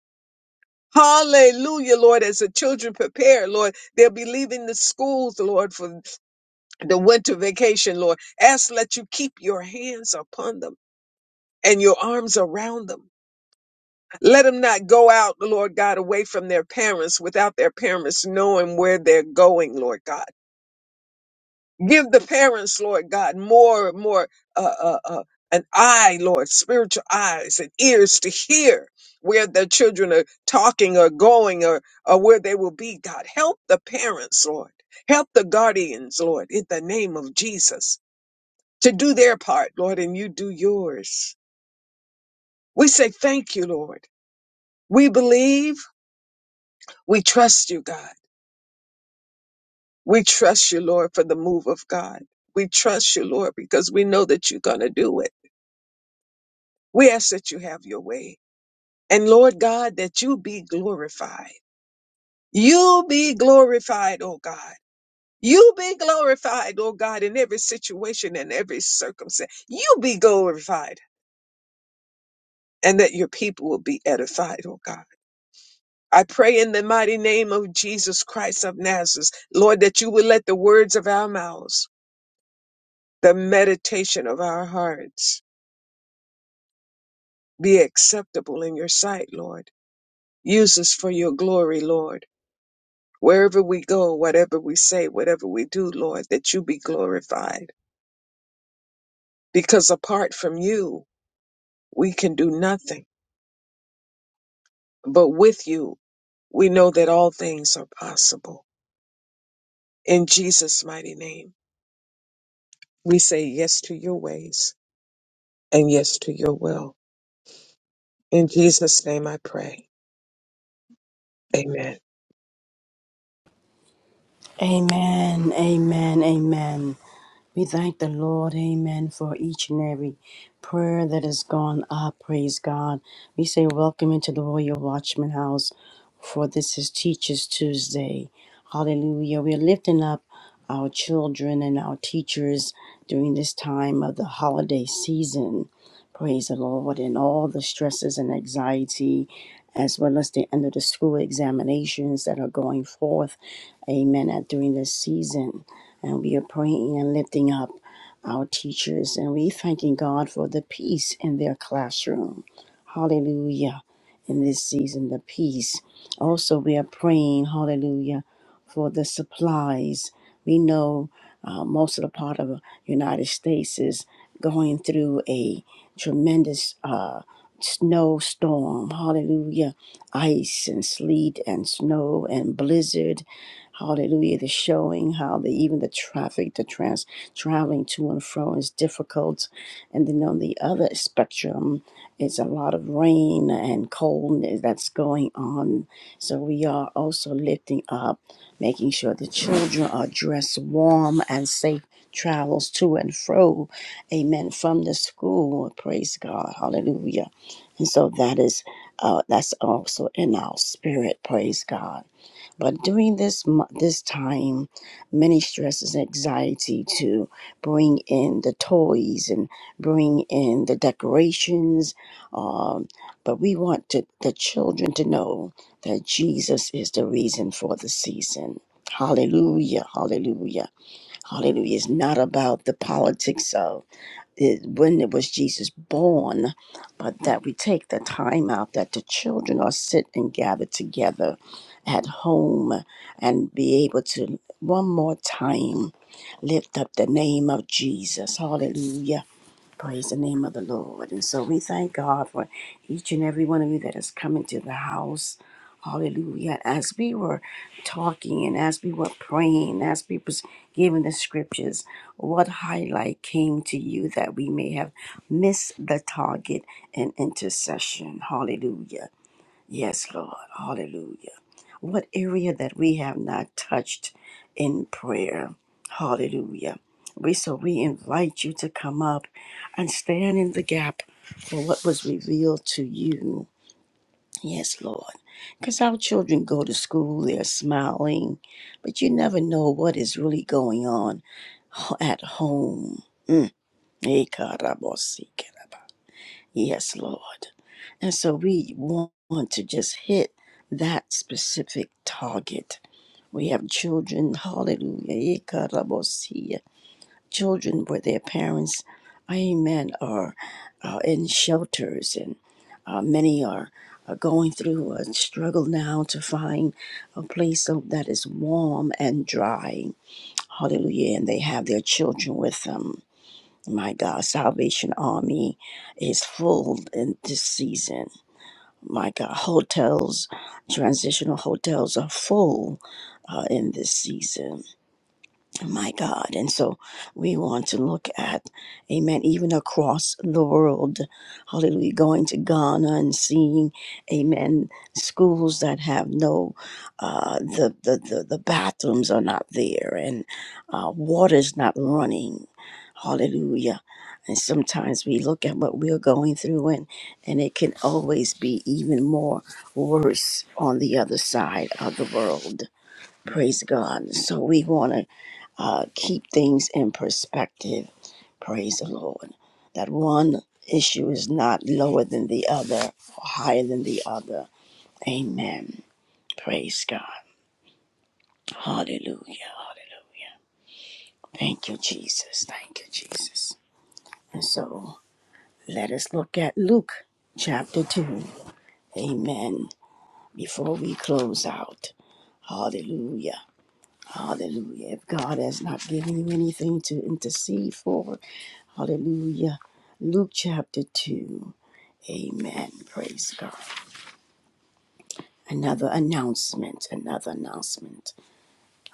Speaker 2: Hallelujah, Lord. As the children prepare, Lord, they'll be leaving the schools, Lord, for the winter vacation, Lord. Ask let you keep your hands upon them and your arms around them. Let them not go out, Lord God, away from their parents without their parents knowing where they're going, Lord God. Give the parents, Lord God, more, more, uh, uh, uh, an eye, Lord, spiritual eyes and ears to hear where their children are talking or going or, or where they will be, God. Help the parents, Lord. Help the guardians, Lord, in the name of Jesus to do their part, Lord, and you do yours. We say thank you, Lord. We believe, we trust you, God. We trust you, Lord, for the move of God. We trust you, Lord, because we know that you're going to do it. We ask that you have your way. And Lord God, that you be glorified. You be glorified, oh God. You be glorified, oh God, in every situation and every circumstance. You be glorified and that your people will be edified, oh God. I pray in the mighty name of Jesus Christ of Nazareth, Lord, that you will let the words of our mouths, the meditation of our hearts be acceptable in your sight, Lord. Use us for your glory, Lord. Wherever we go, whatever we say, whatever we do, Lord, that you be glorified. Because apart from you, we can do nothing. But with you, we know that all things are possible. In Jesus' mighty name, we say yes to your ways and yes to your will. In Jesus' name I pray. Amen.
Speaker 1: Amen. Amen. Amen. We thank the Lord, amen, for each and every prayer that has gone up. Praise God. We say, Welcome into the Royal Watchman House, for this is Teachers Tuesday. Hallelujah. We're lifting up our children and our teachers during this time of the holiday season. Praise the Lord, and all the stresses and anxiety, as well as the end of the school examinations that are going forth, amen, at- during this season and we are praying and lifting up our teachers and we thanking God for the peace in their classroom. Hallelujah. In this season, the peace. Also, we are praying, hallelujah, for the supplies. We know uh, most of the part of the United States is going through a tremendous uh, snowstorm. Hallelujah. Ice and sleet and snow and blizzard Hallelujah. The showing how the even the traffic, the trans traveling to and fro is difficult. And then on the other spectrum, it's a lot of rain and cold that's going on. So we are also lifting up, making sure the children are dressed warm and safe travels to and fro. Amen. From the school. Praise God. Hallelujah. And so that is uh, that's also in our spirit. Praise God. But during this mo- this time, many stresses and anxiety to bring in the toys and bring in the decorations. Um, but we want to, the children to know that Jesus is the reason for the season. Hallelujah! Hallelujah! Hallelujah! It's not about the politics of it, when it was Jesus born, but that we take the time out that the children are sit and gather together at home and be able to one more time lift up the name of Jesus. Hallelujah. Praise the name of the Lord. And so we thank God for each and every one of you that has come into the house. Hallelujah. As we were talking and as we were praying, as we was giving the scriptures, what highlight came to you that we may have missed the target in intercession? Hallelujah. Yes, Lord. Hallelujah. What area that we have not touched in prayer. Hallelujah. We so we invite you to come up and stand in the gap for what was revealed to you. Yes, Lord. Because our children go to school, they're smiling, but you never know what is really going on at home. Eh, karabosikeraba. Yes, Lord. And so we want to just hit that specific target. We have children, hallelujah, ikarabosia, children where their parents, amen, are uh, in shelters, and uh, many are, are going through a struggle now to find a place so that is warm and dry, hallelujah, and they have their children with them. My God, Salvation Army is full in this season. My God, hotels, transitional hotels are full uh, in this season my God. And so we want to look at, amen, even across the world, hallelujah, going to Ghana and seeing, amen, schools that have no, uh, the, the, the, the bathrooms are not there and uh, water's not running, hallelujah. And sometimes we look at what we're going through and, and it can always be even more worse on the other side of the world. Praise God. So we want to uh, keep things in perspective. Praise the Lord. That one issue is not lower than the other or higher than the other. Amen. Praise God. Hallelujah. Hallelujah. Thank you, Jesus. Thank you, Jesus. And so let us look at Luke chapter 2. Amen. Before we close out. Hallelujah. Hallelujah. If God has not given you anything to intercede for, Hallelujah. Luke chapter 2. Amen. Praise God. Another announcement. Another announcement.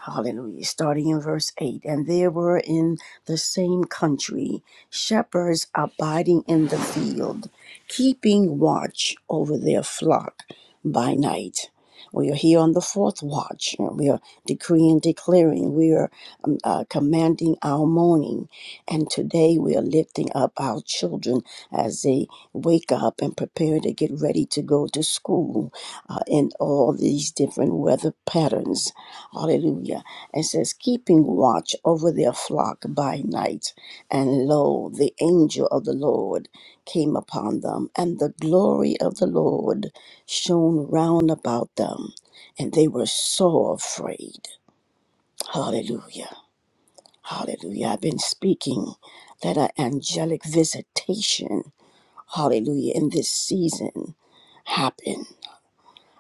Speaker 1: Hallelujah. Starting in verse 8. And there were in the same country shepherds abiding in the field, keeping watch over their flock by night. We are here on the fourth watch. and We are decreeing, declaring. We are um, uh, commanding our morning. And today we are lifting up our children as they wake up and prepare to get ready to go to school uh, in all these different weather patterns Hallelujah. It says, keeping watch over their flock by night. And lo, the angel of the Lord came upon them, and the glory of the Lord shone round about them, and they were so afraid. Hallelujah. Hallelujah. I've been speaking that an angelic visitation, hallelujah, in this season happen.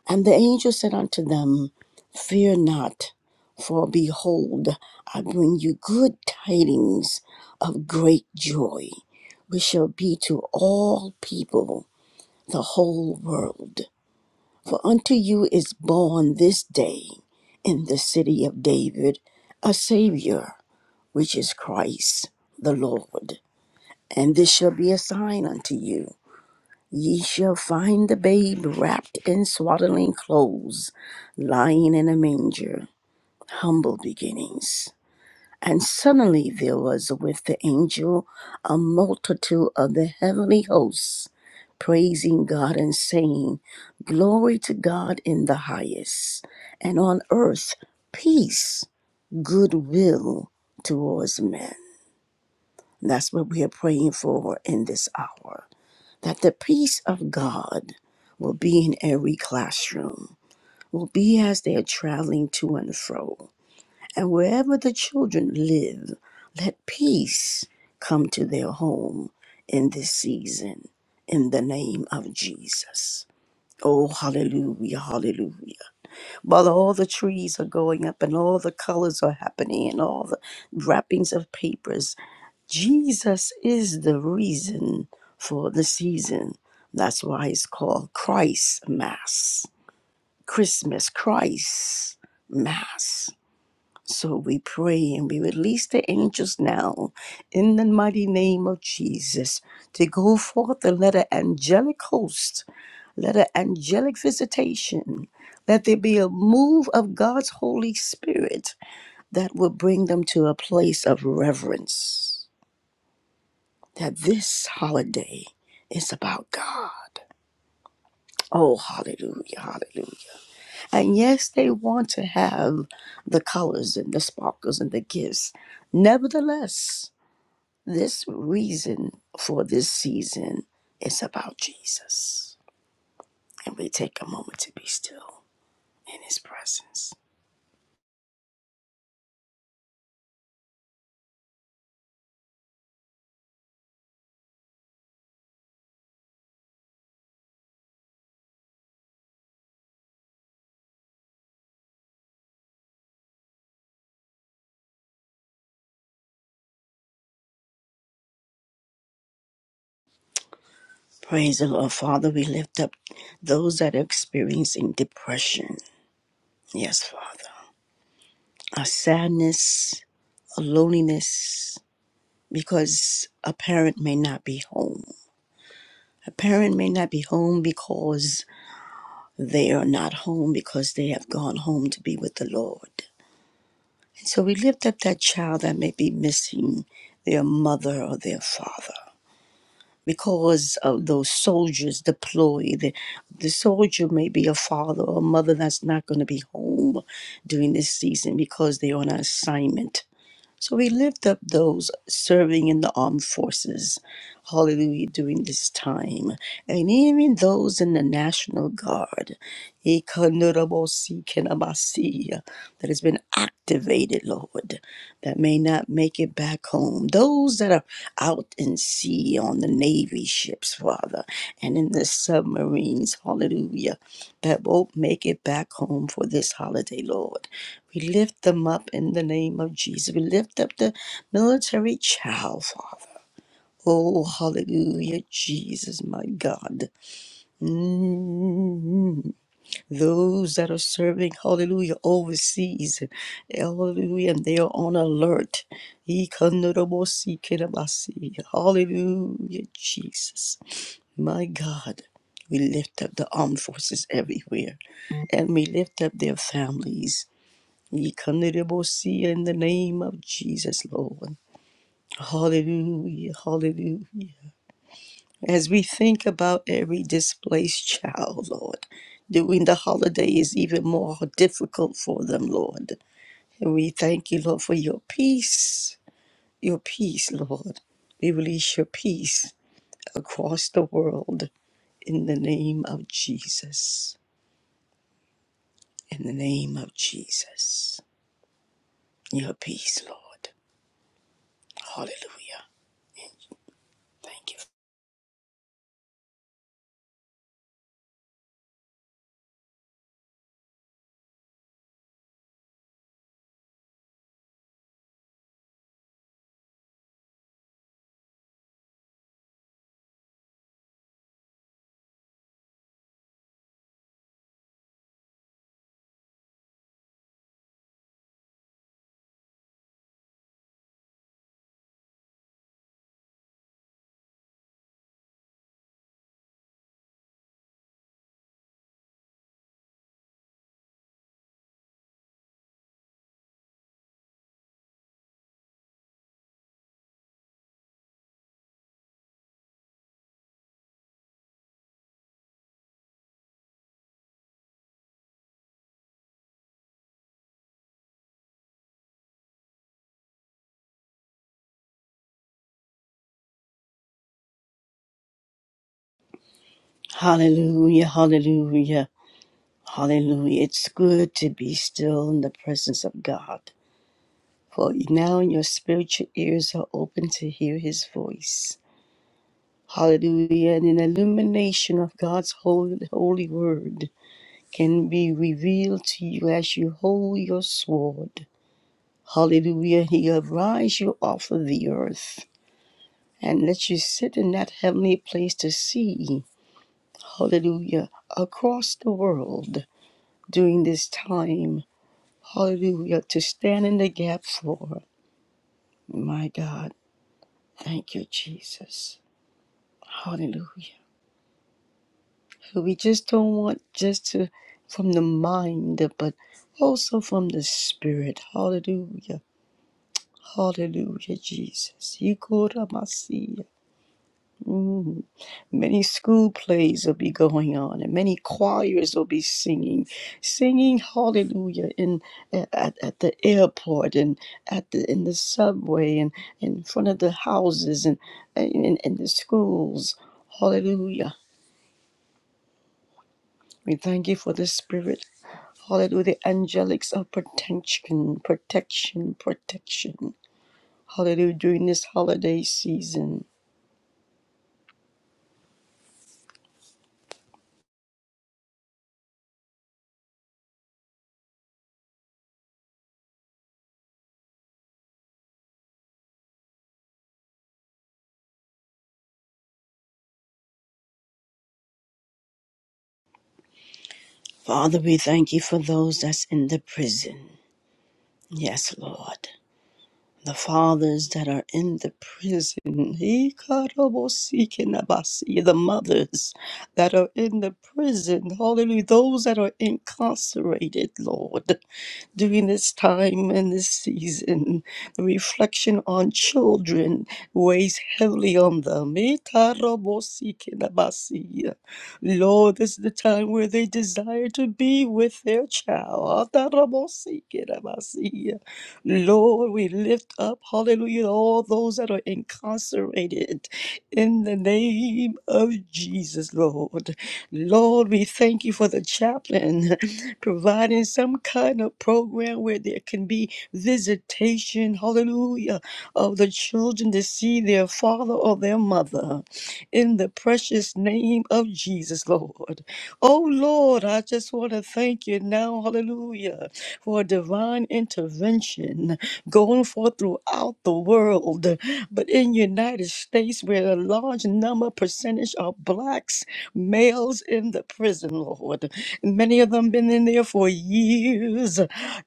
Speaker 1: And the angel said unto them, Fear not, for behold, I bring you good tidings of great joy, which shall be to all people the whole world. For unto you is born this day in the city of David a Savior, which is Christ the Lord. And this shall be a sign unto you Ye shall find the babe wrapped in swaddling clothes, lying in a manger. Humble beginnings. And suddenly there was with the angel a multitude of the heavenly hosts, praising God and saying, Glory to God in the highest, and on earth peace, goodwill towards men. And That's what we are praying for in this hour that the peace of God will be in every classroom, will be as they are traveling to and fro. And wherever the children live, let peace come to their home in this season, in the name of Jesus. Oh, hallelujah, hallelujah. While all the trees are going up and all the colors are happening and all the wrappings of papers Jesus is the reason for the season. That's why it's called Christ Mass, Christmas, Christ Mass. So we pray and we release the angels now in the mighty name of Jesus to go forth and let an angelic host, let an angelic visitation, let there be a move of God's Holy Spirit that will bring them to a place of reverence that this holiday is about God. Oh, hallelujah, hallelujah. And yes, they want to have the colors and the sparkles and the gifts. Nevertheless, this reason for this season is about Jesus. And we take a moment to be still in his presence. Praise the Lord. Father, we lift up those that are experiencing depression. Yes, Father. A sadness, a loneliness, because a parent may not be home. A parent may not be home because they are not home because they have gone home to be with the Lord. And so we lift up that child that may be missing their mother or their father. Because of those soldiers deployed, the, the soldier may be a father or a mother that's not going to be home during this season because they're on an assignment So we lift up those serving in the armed forces, hallelujah, during this time, and even those in the National Guard, Ikanudabosi kenabasi, that has been activated, Lord, that may not make it back home. Those that are out in sea on the Navy ships, Father, and in the submarines, hallelujah, that won't make it back home for this holiday, Lord. We lift them up in the name of Jesus. We lift up the military child, Father. Oh, hallelujah, Jesus, my God. Mm. Those that are serving, hallelujah, overseas, hallelujah, and they are on alert. Hallelujah, Jesus, my God. We lift up the armed forces everywhere and we lift up their families. Yikanderebosi In the name of Jesus, Lord. Hallelujah, hallelujah. As we think about every displaced child, Lord, during the holiday is even more difficult for them, Lord. And we thank you, Lord, for your peace, your peace, Lord. We release your peace across the world in the name of Jesus. In the name of Jesus. Your peace, Lord. Hallelujah. Thank you. Hallelujah, hallelujah, hallelujah. It's good to be still in the presence of God. For now your spiritual ears are open to hear his voice. Hallelujah. And an illumination of God's holy, holy word can be revealed to you as you hold your sword. Hallelujah. He arise you off of the earth and let you sit in that heavenly place to see. Hallelujah. Across the world. during this time. Hallelujah. To stand in the gap for. My God. Thank you, Jesus. Hallelujah. So We just don't want just to from the mind, but also from the spirit. Hallelujah. Hallelujah, Jesus. You go to my sea. Mm. Many school plays will be going on, and many choirs will be singing, singing hallelujah in at, at the airport and at the in the subway and in front of the houses and in, in the schools. Hallelujah. We thank you for the spirit. Hallelujah. The angelics of protection, protection, protection. Hallelujah. During this holiday season. Father, we thank you for those that's in the prison. Yes, Lord. The fathers that are in the prison, Ikarabosikinabasia, the mothers that are in the prison, hallelujah, those that are incarcerated, Lord during this time and this season. reflection on children weighs heavily on them. Itarobosikidabasi. Lord, this is the time where they desire to be with their child. Atarabosikidabasi. Lord, we lift up, hallelujah, all those that are incarcerated in the name of Jesus, Lord. Lord, we thank you for the chaplain providing some kind of program where there can be visitation, hallelujah, of the children to see their father or their mother in the precious name of Jesus, Lord. Oh, Lord, I just want to thank you now, hallelujah, for a divine intervention going forth throughout the world. But in United States, where a large number percentage are blacks, males in the prison, Lord. Many of them been in there for years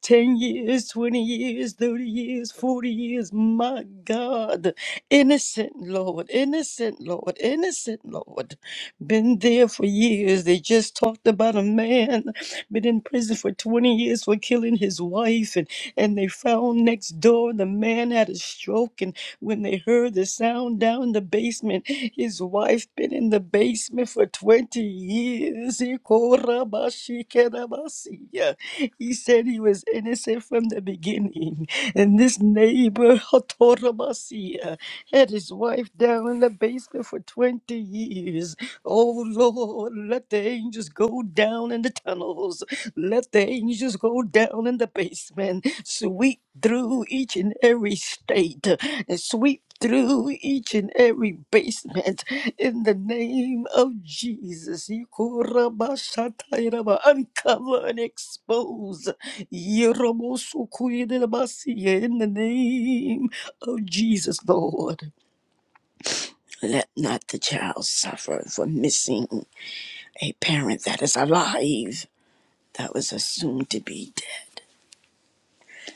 Speaker 1: 10 years, 20 years, 30 years, 40 years. My God. Innocent, Lord. Innocent, Lord. Innocent, Lord. Been there for years. They just talked about a man been in prison for 20 years for killing his wife and and they found next door the man had a stroke and when they heard the sound down in the basement. His wife been in the basement for 20 years. He korabashikerabasiya. He said he was innocent from the beginning. And this neighbor hotorabasiya, had his wife down in the basement for 20 years. Oh Lord, let the angels go down in the tunnels. Let the angels go down in the basement. Sweep through each and every state. And sweep through each and every basement. In the name of Jesus. Yikorabashatayraba. Uncover and expose. Yeramosukuyedelabasiye. In the name of Jesus, Lord. Let not the child suffer for missing a parent that is alive that was a soon to be dead,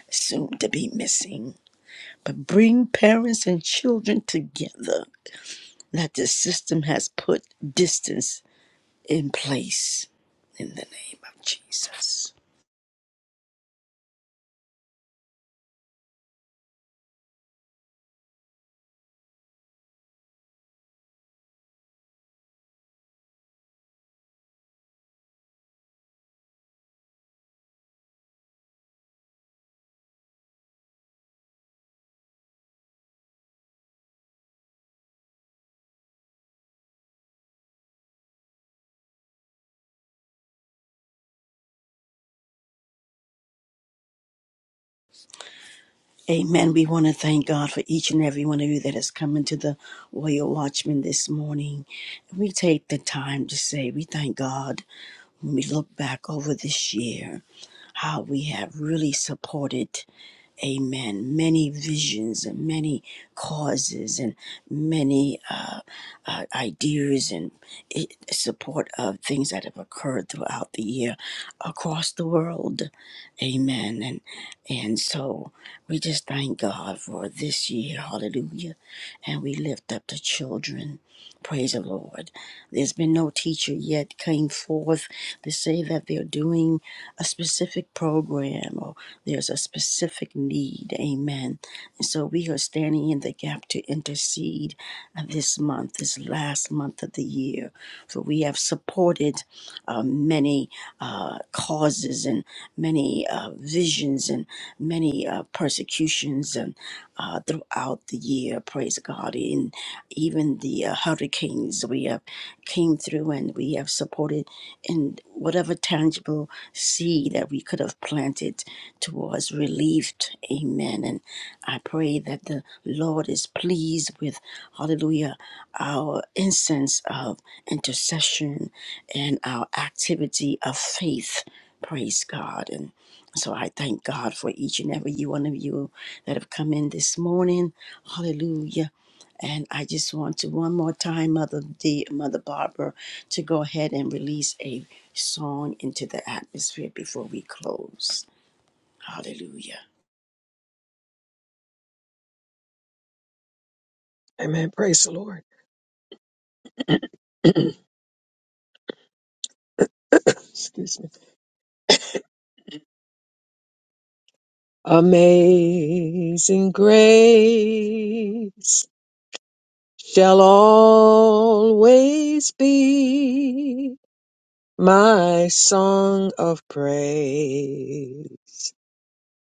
Speaker 1: soon to be missing. But bring parents and children together that the system has put distance in place in the name of Jesus. Amen. We want to thank God for each and every one of you that has come into the Royal Watchman this morning. We take the time to say we thank God when we look back over this year, how we have really supported, amen, many visions and many causes and many uh, uh, ideas and i support of things that have occurred throughout the year across the world. Amen. And, and so we just thank God for this year. Hallelujah. And we lift up the children. Praise the Lord. There's been no teacher yet came forth to say that they're doing a specific program or there's a specific need. Amen. And so we are standing in the gap to intercede uh, this month, this last month of the year. For we have supported uh, many uh, causes and many uh, visions and many uh, persecutions and uh, throughout the year. Praise God! And even the uh, hurricanes we have came through and we have supported in whatever tangible little seed that we could have planted towards relieved. Amen. And I pray that the Lord is pleased with, hallelujah, our incense of intercession and our activity of faith. Praise God. And so I thank God for each and every one of you that have come in this morning. Hallelujah. And I just want to one more time, Mother D, Mother Barbara, to go ahead and release a song into the atmosphere before we close. Hallelujah.
Speaker 2: Amen. Praise the Lord. Excuse me. Amazing grace. shall always be my song of praise.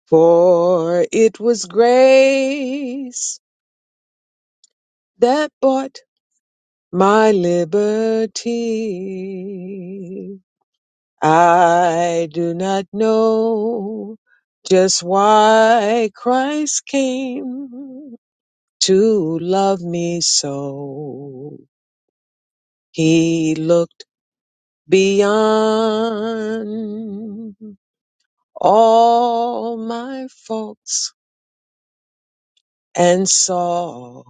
Speaker 2: For it was grace that bought my liberty. I do not know just why Christ came to love me so. He looked beyond all my faults and saw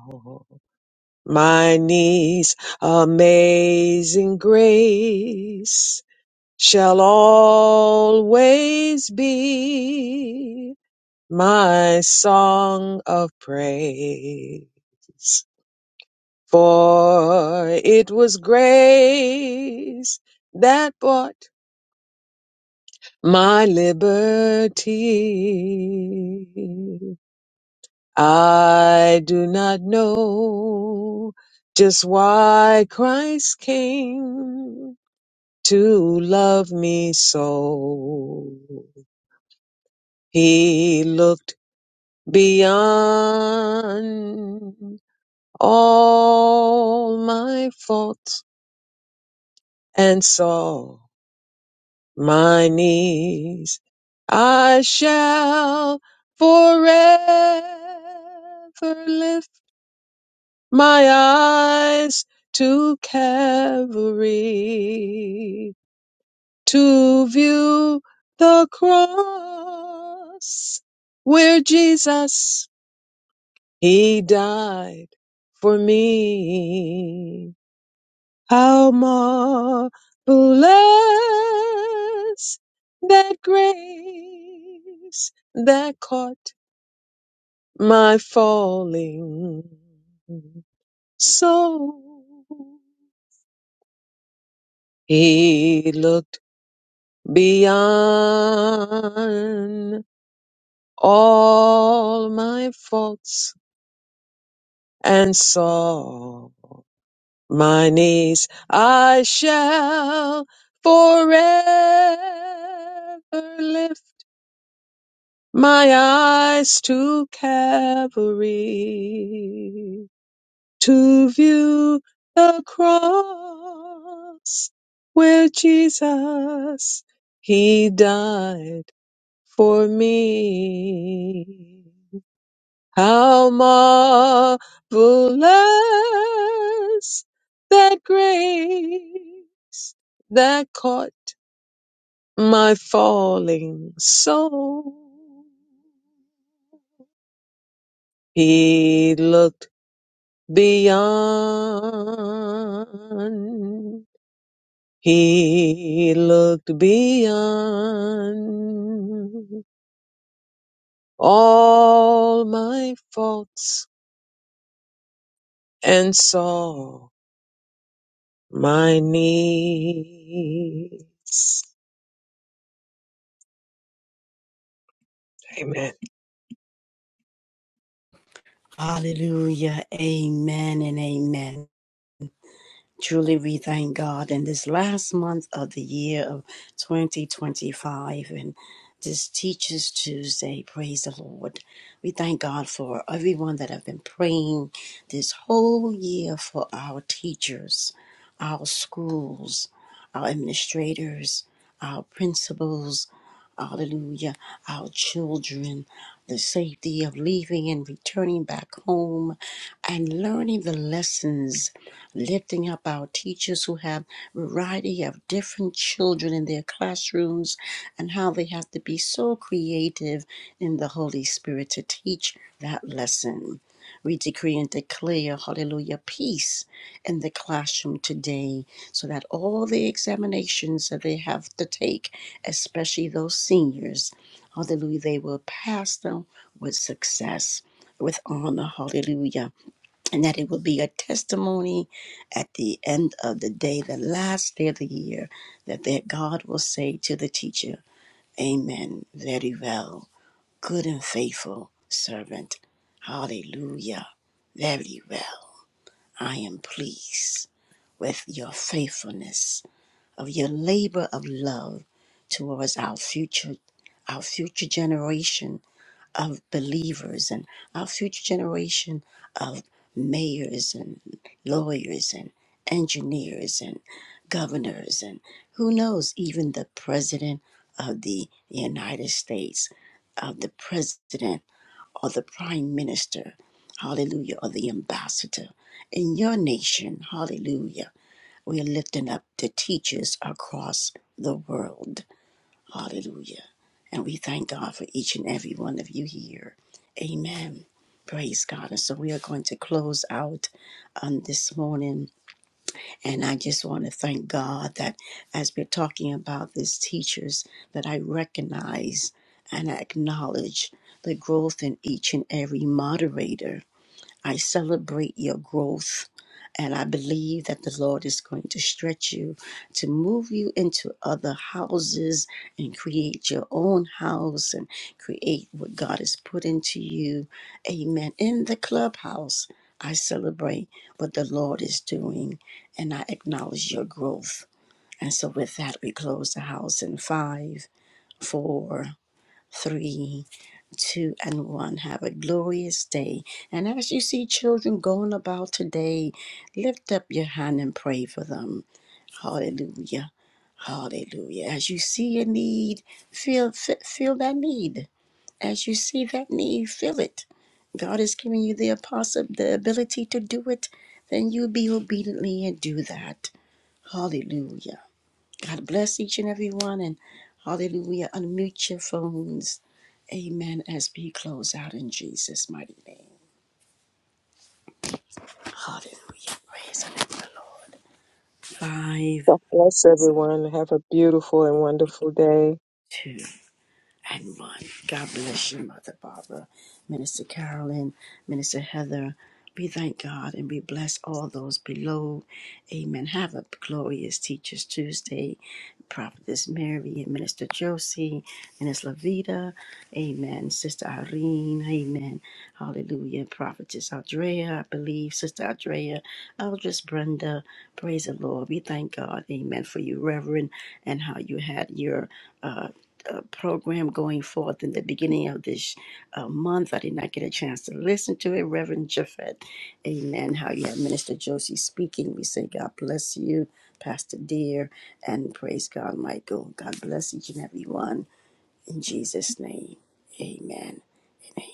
Speaker 2: my knees amazing grace shall always be my song of praise for it was grace that bought my liberty. I do not know just why Christ came to love me so. He looked beyond all my faults and saw. my knees. I shall forever lift my eyes to Calvary to view the cross where Jesus, He died for me. How marvelous that grace that caught my falling soul. He looked beyond all my faults and saw my needs. I shall forever lift my eyes to Calvary to view the cross where Jesus he died for me. How marvelous that grace that caught my falling soul. He looked beyond. He looked beyond all my faults and saw my needs. Amen.
Speaker 1: Hallelujah. Amen and amen. Truly, we thank God in this last month of the year of 2025 and this Teachers Tuesday. Praise the Lord. We thank God for everyone that have been praying this whole year for our teachers, our schools, our administrators, our principals, hallelujah, our children, the safety of leaving and returning back home and learning the lessons, lifting up our teachers who have variety of different children in their classrooms and how they have to be so creative in the Holy Spirit to teach that lesson. We decree and declare, hallelujah, peace in the classroom today so that all the examinations that they have to take especially those seniors. Hallelujah. They will pass them with success, with honor. Hallelujah. And that it will be a testimony at the end of the day, the last day of the year, that their God will say to the teacher, Amen. Very well. Good and faithful servant. Hallelujah. Very well. I am pleased with your faithfulness of your labor of love towards our future, our future generation of believers and our future generation of mayors and lawyers and engineers and governors and who knows, even the president of the United States, of the president or the prime minister, hallelujah, or the ambassador in your nation, hallelujah we're lifting up the teachers across the world. Hallelujah. And we thank God for each and every one of you here. Amen. Praise God. And so we are going to close out um, this morning. And I just want to thank God that as we're talking about these teachers, that I recognize and I acknowledge the growth in each and every moderator I celebrate your growth. And I believe that the Lord is going to stretch you to move you into other houses and create your own house and create what God has put into you. Amen. In the clubhouse, I celebrate what the Lord is doing and I acknowledge your growth. And so, with that, we close the house in five, four, three, two and one. Have a glorious day. And as you see children going about today, lift up your hand and pray for them. Hallelujah. Hallelujah. As you see a need, feel f- feel that need. As you see that need, feel it. God is giving you the apostle the ability to do it, then you be obediently and do that. Hallelujah. God bless each and every one. And hallelujah. Unmute your phones. Amen. As we close out in Jesus' mighty name. Hallelujah. Praise the name of the Lord. Five,
Speaker 2: God bless everyone. Have a beautiful and wonderful day.
Speaker 1: two, and one. God bless you, Mother Barbara, Minister Carolyn, Minister Heather. We thank God and we bless all those below. Amen. Have a glorious Teachers Tuesday. Prophetess Mary and Minister Josie, Minister Lavita. Amen. Sister Irene. Amen. Hallelujah. Prophetess Andrea, I believe, Sister Andrea, Eldris Brenda. Praise the Lord. We thank God, amen, for you, Reverend, and how you had your uh, uh, program going forth in the beginning of this uh, month. I did not get a chance to listen to it, Reverend Jaffet. Amen. How you had Minister Josie speaking. We say, God bless you, Pastor Dear, and praise God, Michael. God bless each and every one. In Jesus' name, amen. and amen.